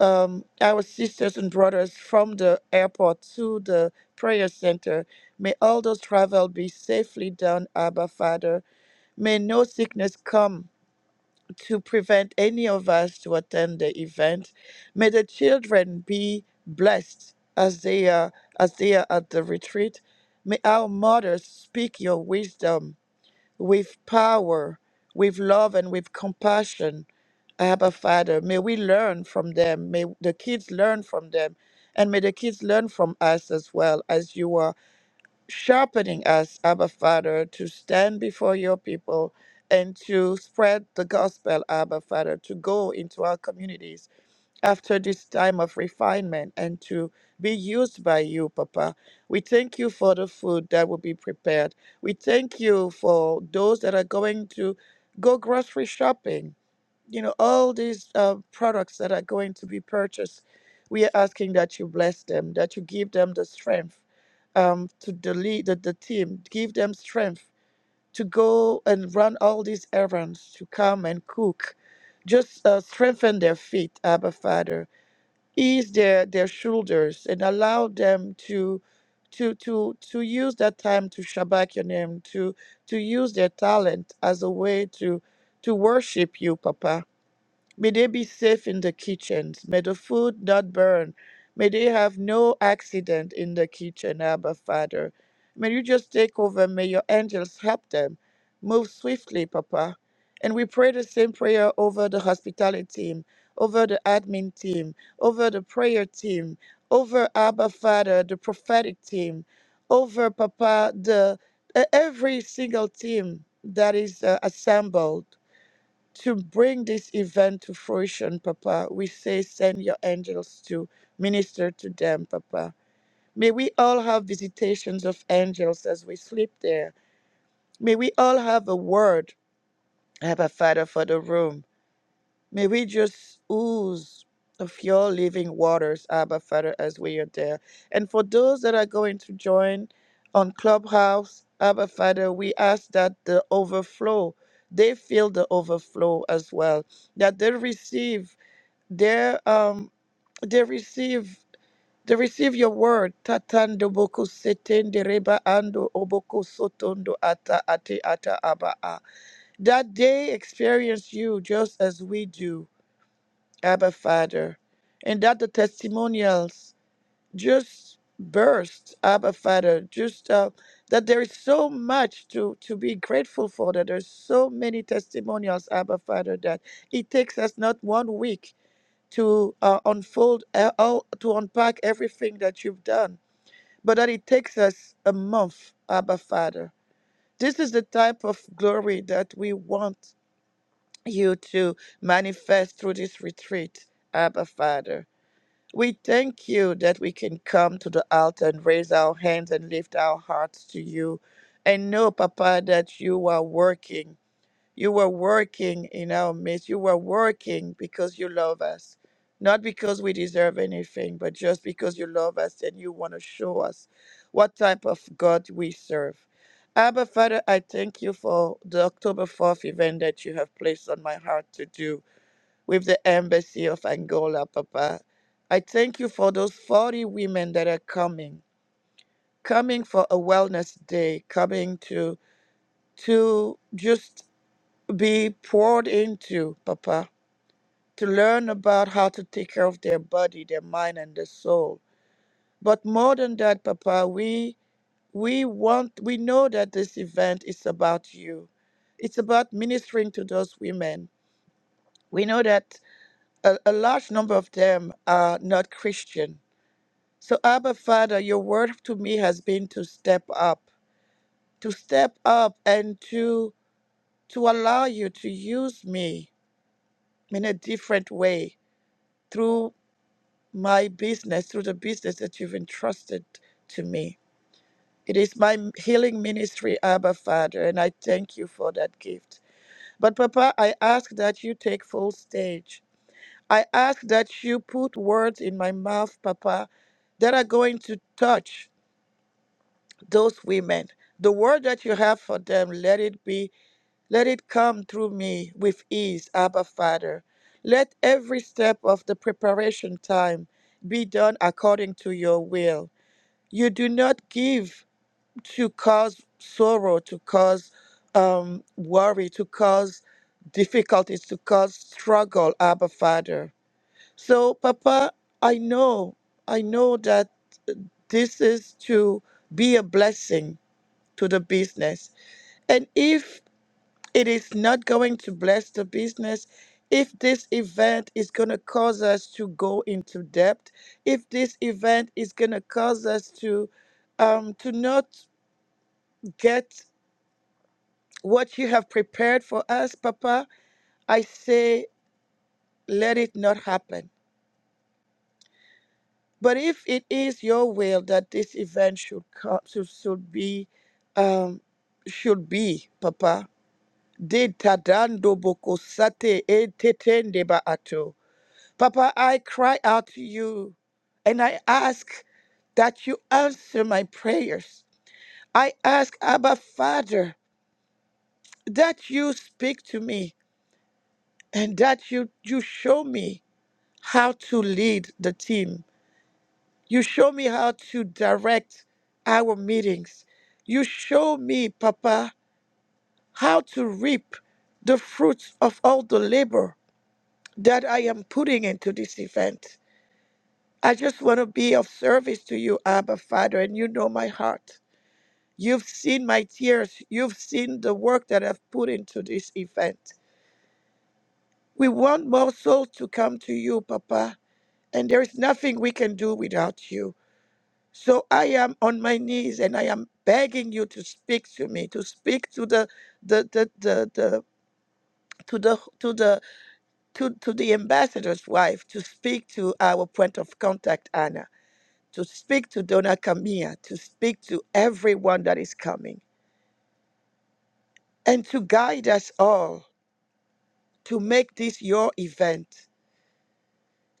[SPEAKER 2] um, our sisters and brothers from the airport to the prayer center, may all those travel be safely done, Abba, Father May no sickness come to prevent any of us to attend the event. May the children be blessed as they are as they are at the retreat. May our mothers speak your wisdom with power, with love and with compassion. Abba Father, may we learn from them. May the kids learn from them. And may the kids learn from us as well as you are sharpening us, Abba Father, to stand before your people and to spread the gospel, Abba Father, to go into our communities after this time of refinement and to be used by you, Papa. We thank you for the food that will be prepared. We thank you for those that are going to go grocery shopping you know, all these uh, products that are going to be purchased, we are asking that you bless them, that you give them the strength um, to the lead, the, the team, give them strength to go and run all these errands, to come and cook. Just uh, strengthen their feet, Abba Father. Ease their, their shoulders and allow them to to to to use that time to shabak your name, to to use their talent as a way to to worship you, Papa May they be safe in the kitchens. May the food not burn. May they have no accident in the kitchen, Abba Father. May you just take over. May your angels help them. Move swiftly, Papa. And we pray the same prayer over the hospitality team, over the admin team, over the prayer team, over Abba Father, the prophetic team, over Papa, the e- every single team that is uh, assembled to bring this event to fruition, Papa, we say, send your angels to minister to them, Papa. May we all have visitations of angels as we sleep there. May we all have a word, Abba Father, for the room. May we just ooze of your living waters, Abba Father, as we are there. And for those that are going to join on Clubhouse, Abba Father, we ask that the overflow, they feel the overflow as well, that they receive their um they receive they receive your word. Tatando boku setende reba ando oboko sotondo ata ate ata abaa. That they experience you just as we do Abba Father, and that the testimonials just burst, Abba Father, just uh, that there is so much to, to be grateful for, that there's so many testimonials, Abba Father, that it takes us not one week to uh, unfold, uh, all, to unpack everything that you've done, but that it takes us a month, Abba Father. This is the type of glory that we want you to manifest through this retreat, Abba Father. We thank you that we can come to the altar and raise our hands and lift our hearts to you. And know, Papa, that you are working. You were working in our midst. You were working because you love us. Not because we deserve anything, but just because you love us and you want to show us what type of God we serve. Abba, Father, I thank you for the October 4th event that you have placed on my heart to do with the embassy of Angola, Papa. I thank you for those 40 women that are coming, coming for a wellness day, coming to to just be poured into, Papa, to learn about how to take care of their body, their mind and their soul. But more than that, Papa, we we want we know that this event is about you. It's about ministering to those women. We know that a, a large number of them are not Christian So, Abba Father, your word to me has been to step up, to step up and to, to allow you to use me in a different way through my business, through the business that you've entrusted to me. It is my healing ministry, Abba Father, and I thank you for that gift. But, Papa, I ask that you take full stage. I ask that you put words in my mouth, Papa, that are going to touch. those women. The word that you have for them, let it be, let it come through me with ease, Abba Father. Let every step of the preparation time be done according to your will. You do not give to cause sorrow, to cause um, worry, to cause difficulties, to cause struggle, Abba Father. So, Papa, I know, I know that this is to be a blessing to the business and if it is not going to bless the business, if this event is going to cause us to go into debt, if this event is going to cause us to um, to not get what you have prepared for us, Papa, I say let it not happen. But if it is your will that this event should come, should, should be, um, should be, Papa, de tadando boko sate e tetende ba ato. Papa, I cry out to you and I ask that you answer my prayers. I ask, Abba Father, that you speak to me and that you, you show me how to lead the team. You show me how to direct our meetings. You show me, Papa, how to reap the fruits of all the labor that I am putting into this event. I just want to be of service to you, Abba Father, and you know my heart. You've seen my tears. You've seen the work that I've put into this event. We want more souls to come to you, Papa, and there is nothing we can do without you. So I am on my knees and I am begging you to speak to me, to speak to the the the the, the to the to the to, to the ambassador's wife, to speak to our point of contact, Anna. to speak to Donna Camilla, to speak to everyone that is coming, and to guide us all to make this your event,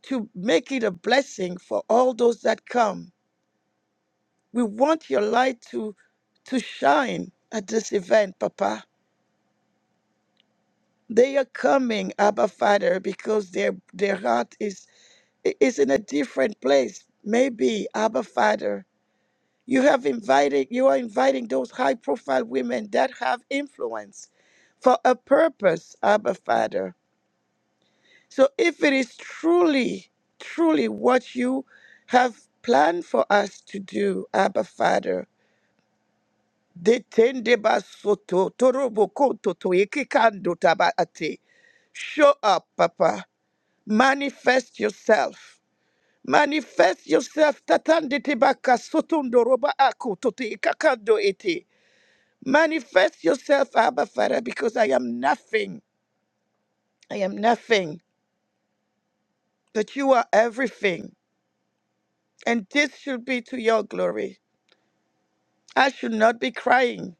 [SPEAKER 2] to make it a blessing for all those that come. We want your light to, to shine at this event, Papa. They are coming, Abba Father, because their their heart is is in a different place. Maybe, Abba Father, You have invited, you are inviting those high profile women that have influence for a purpose, Abba Father. So if it is truly, truly what you have planned for us to do, Abba Father, detende basoto, toroboko toto, ekikando tabaate. show up, Papa. Manifest yourself. Manifest yourself. Tatandete baka sotondoroba ako tote kakando Manifest yourself, Abba Father, because I am nothing. I am nothing, but you are everything. And this should be to your glory. I should not be crying,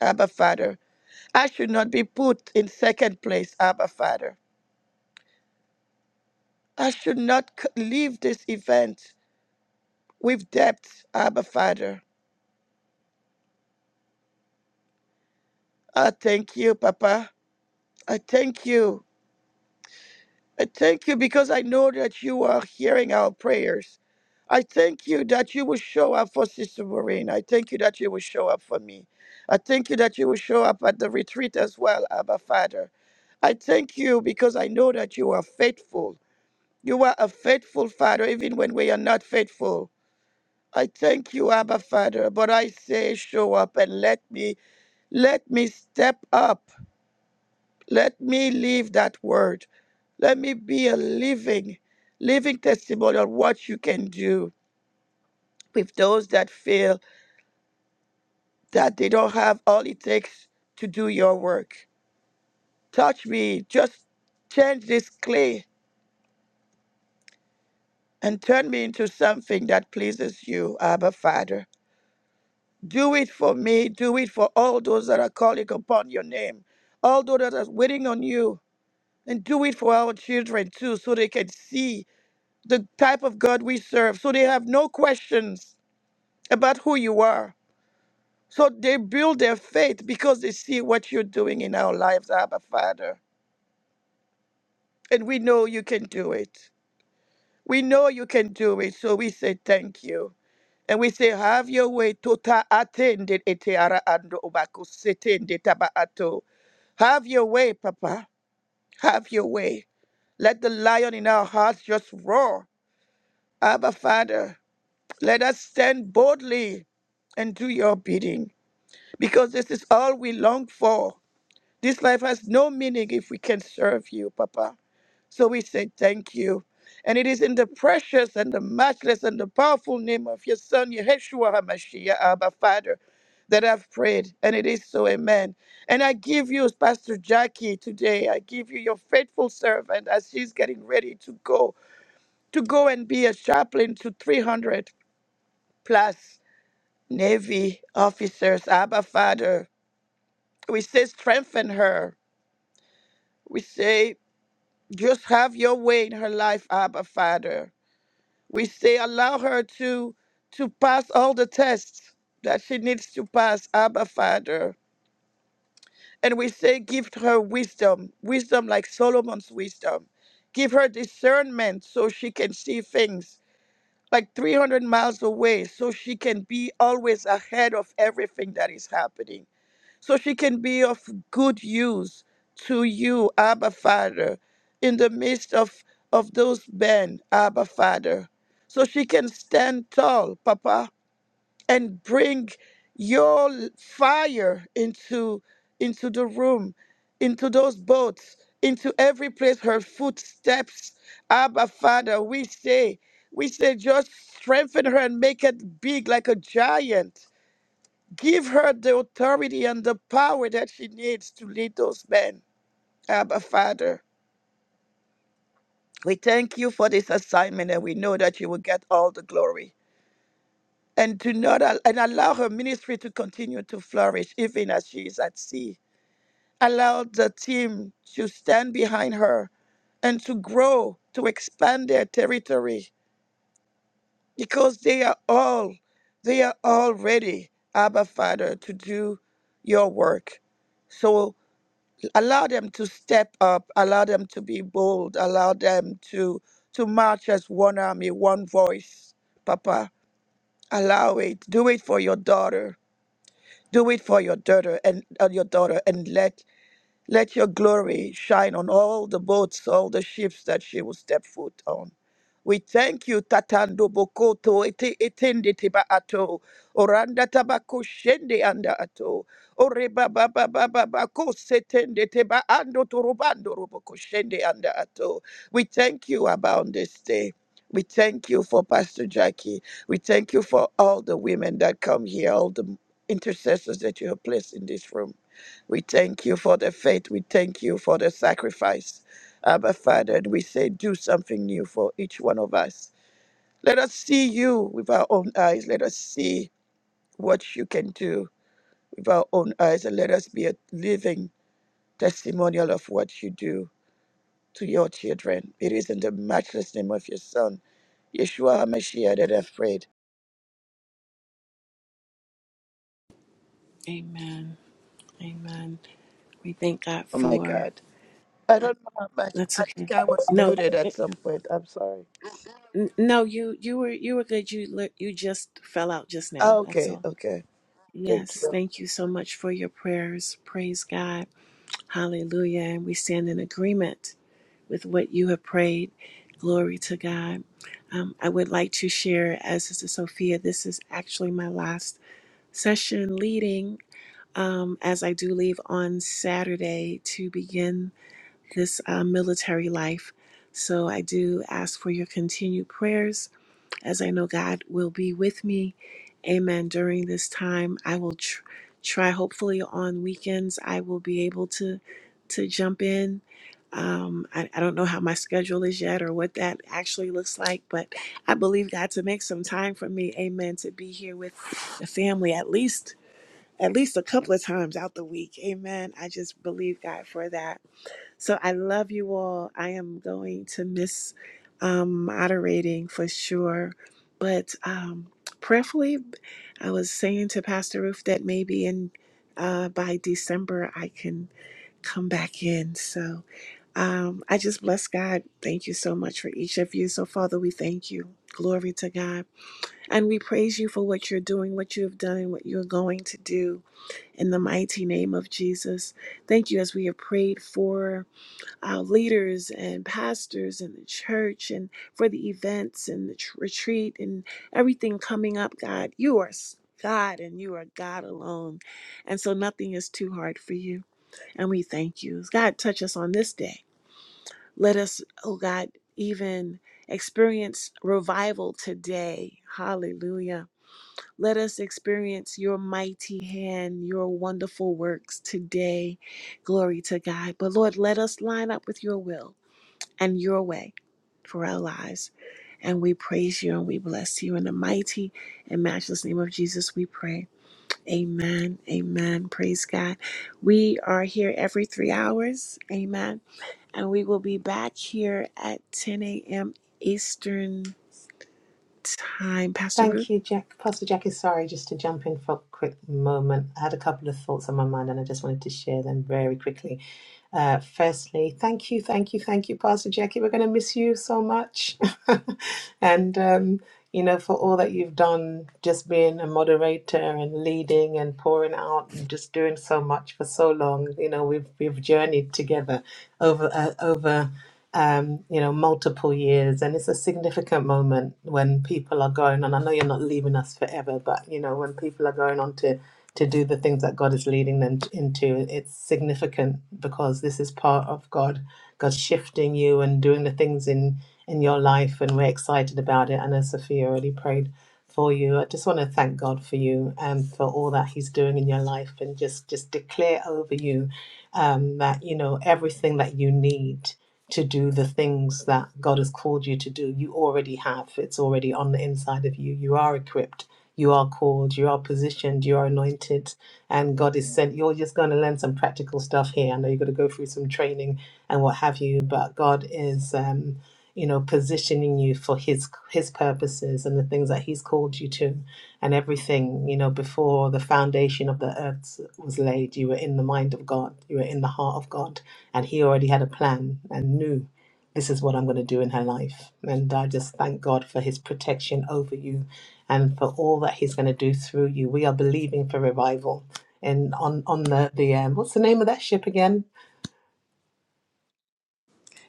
[SPEAKER 2] Abba Father. I should not be put in second place, Abba Father. I should not c- leave this event with debt, Abba Father. I thank you, Papa. I thank you I thank you because I know that you are hearing our prayers. I thank you that you will show up for Sister Maureen. I thank you that you will show up for me. I thank you that you will show up at the retreat as well, Abba Father. I thank you because I know that you are faithful. You are a faithful Father, even when we are not faithful. I thank you, Abba Father, but I say, show up and let me, let me step up. Let me live that word. Let me be a living, living testimony on what you can do with those that feel that they don't have all it takes to do your work. Touch me. Just change this clay and turn me into something that pleases you, Abba Father. Do it for me. Do it for all those that are calling upon your name, all those that are waiting on you. And do it for our children too, so they can see the type of God we serve. So they have no questions about who you are. So they build their faith because they see what you're doing in our lives, Abba Father. And we know you can do it. We know you can do it. So we say thank you. And we say, have your way. Tota atende ete ara ando obako setende taba ato. Have your way, Papa. Have your way. Let the lion in our hearts just roar. Abba Father. Let us stand boldly and do your bidding, because this is all we long for. This life has no meaning if we can serve you, Papa. So we say thank you. And it is in the precious and the matchless and the powerful name of your Son, Yeshua HaMashiach, Abba Father, that I've prayed. And it is so, amen. And I give you, Pastor Jackie, today, I give you your faithful servant as she's getting ready to go, to go and be a chaplain to 300 plus. Navy officers, Abba Father. We say, strengthen her. We say, just have your way in her life, Abba Father. We say, allow her to to pass all the tests that she needs to pass, Abba Father. And we say, give her wisdom, wisdom like Solomon's wisdom. Give her discernment so she can see things like 300 miles away, so she can be always ahead of everything that is happening. so she can be of good use to you, Abba Father, in the midst of, of those men, Abba Father. So she can stand tall, Papa, and bring your l- fire into, into the room, into those boats, into every place her footsteps. Abba Father, we say, we say, just strengthen her and make it big like a giant Give her the authority and the power that she needs to lead those men. Abba, Father, we thank you for this assignment and we know that you will get all the glory. And to not al- and allow her ministry to continue to flourish even as she is at sea. Allow the team to stand behind her and to grow, to expand their territory because they are all, they are all ready, Abba, Father, to do your work. So allow them to step up allow them to be bold allow them to to march as one army one voice papa allow it do it for your daughter do it for your daughter and uh, your daughter and let let your glory shine on all the boats, all the ships that she will step foot on. We thank you, Tatando Bokoto, ete- Etende teba Ato, Oranda Tabako Shende Anda Ato, Oreba Baba Baba Bako Setende teba Ando Torobando Roboko Shende Anda Ato. We thank you about this day. We thank you for Pastor Jackie. We thank you for all the women that come here, all the intercessors that you have placed in this room. We thank you for the faith. We thank you for the sacrifice. Abba, Father, and we say, do something new for each one of us. Let us see you with our own eyes. Let us see what you can do with our own eyes, and let us be a living testimonial of what you do to your children. It is in the matchless name of your Son, Yeshua HaMashiach, that I've prayed.
[SPEAKER 1] Amen. Amen. We thank God
[SPEAKER 2] Oh my
[SPEAKER 1] for
[SPEAKER 2] God. I don't know how much.
[SPEAKER 1] that's
[SPEAKER 2] I
[SPEAKER 1] okay.
[SPEAKER 2] think I was
[SPEAKER 1] No,
[SPEAKER 2] muted
[SPEAKER 1] eh,
[SPEAKER 2] at some point. I'm sorry.
[SPEAKER 1] n- no, you you were you were good. You li- you just fell out just now.
[SPEAKER 2] Oh,
[SPEAKER 1] That's
[SPEAKER 2] okay,
[SPEAKER 1] all.
[SPEAKER 2] okay. Thank
[SPEAKER 1] Yes,
[SPEAKER 2] you.
[SPEAKER 1] thank you so much for your prayers. Praise God. Hallelujah. And we stand in agreement with what you have prayed. Glory to God. Um, I would like to share, as Sister Sophia, this is actually my last session leading, um, as I do leave on Saturday to begin this uh, military life. So I do ask for your continued prayers as I know God will be with me. Amen. During this time, I will tr- try. Hopefully, on weekends, I will be able to to jump in. Um, I, I don't know how my schedule is yet or what that actually looks like, but I believe God to make some time for me. Amen. To be here with the family at least at least a couple of times out the week. Amen. I just believe God for that. So I love you all. I am going to miss um, moderating for sure. But um, prayerfully, I was saying to Pastor Roof that maybe in uh, by December I can come back in. So um, I just bless God. Thank you so much for each of you. So Father, we thank you. Glory to God. And we praise you for what you're doing, what you have done, and what you're going to do in the mighty name of Jesus. Thank you as we have prayed for uh, leaders and pastors in the church and for the events and the tr- retreat and everything coming up, God. You are s- God and you are God alone. And so nothing is too hard for you. And we thank you. God, touch us on this day. Let us, oh God, even experience revival today. Hallelujah. Let us experience your mighty hand, your wonderful works today. Glory to God. But Lord, let us line up with your will and your way for our lives. And we praise you and we bless you in the mighty and matchless name of Jesus. We pray. Amen. Amen. Praise God. We are here every three hours. Amen. And we will be back here at 10 a.m. Eastern Time. Pastor Ruth,
[SPEAKER 5] Thank you, Jack. Pastor Jackie, sorry, just to jump in for a quick moment. I had a couple of thoughts on my mind and I just wanted to share them very quickly. Uh, firstly, thank you, thank you, thank you, Pastor Jackie. We're going to miss you so much. [laughs] and, um, you know, for all that you've done, just being a moderator and leading and pouring out and just doing so much for so long. You know, we've, we've journeyed together over, uh, over um, you know, multiple years. And it's a significant moment when people are going on. I know you're not leaving us forever, but, you know, when people are going on to, to do the things that God is leading them t- into, it's significant because this is part of God, God shifting you and doing the things in, in your life. And we're excited about it. And as Sophia already prayed for you, I just want to thank God for you and for all that he's doing in your life and just, just declare over you um, that, you know, everything that you need to do the things that God has called you to do. You already have. It's already on the inside of you. You are equipped. You are called. You are positioned. You are anointed. And God is sent. You're just going to learn some practical stuff here. I know you have got to go through some training and what have you, but God is. Um, you know, positioning you for his his purposes and the things that he's called you to, and everything. You know, before the foundation of the earth was laid, you were in the mind of God, you were in the heart of God, and he already had a plan and knew this is what I'm going to do in her life. And I just thank God for his protection over you and for all that he's going to do through you. We are believing for revival. And on, on the, the um, what's the name of that ship again?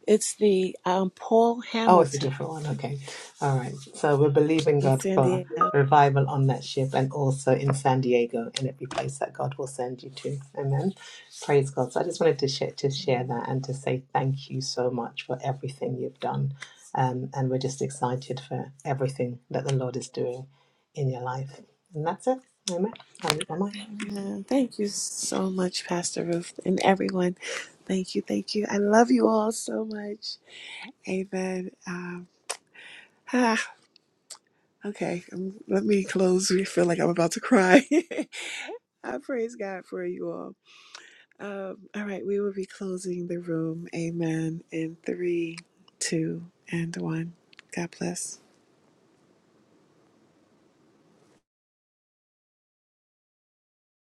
[SPEAKER 1] it's the um, Paul
[SPEAKER 5] Oh, it's a
[SPEAKER 1] Hamilton
[SPEAKER 5] different one. Okay. All right. So we're believing
[SPEAKER 1] in
[SPEAKER 5] God
[SPEAKER 1] San
[SPEAKER 5] for
[SPEAKER 1] Diego.
[SPEAKER 5] revival on that ship and also in San Diego and every place that God will send you to. Amen. Praise God. So I just wanted to share, to share that and to say thank you so much for everything you've done. Um, and we're just excited for everything that the Lord is doing in your life. And that's it. Amen. I?
[SPEAKER 1] Amen. Thank you so much, Pastor Ruth, and everyone. Thank you. Thank you. I love you all so much. Amen. Um, ah, okay, um, let me close. We feel like I'm about to cry. [laughs] I praise God for you all. Um, all right, we will be closing the room. Amen. In three, two, and one. God bless.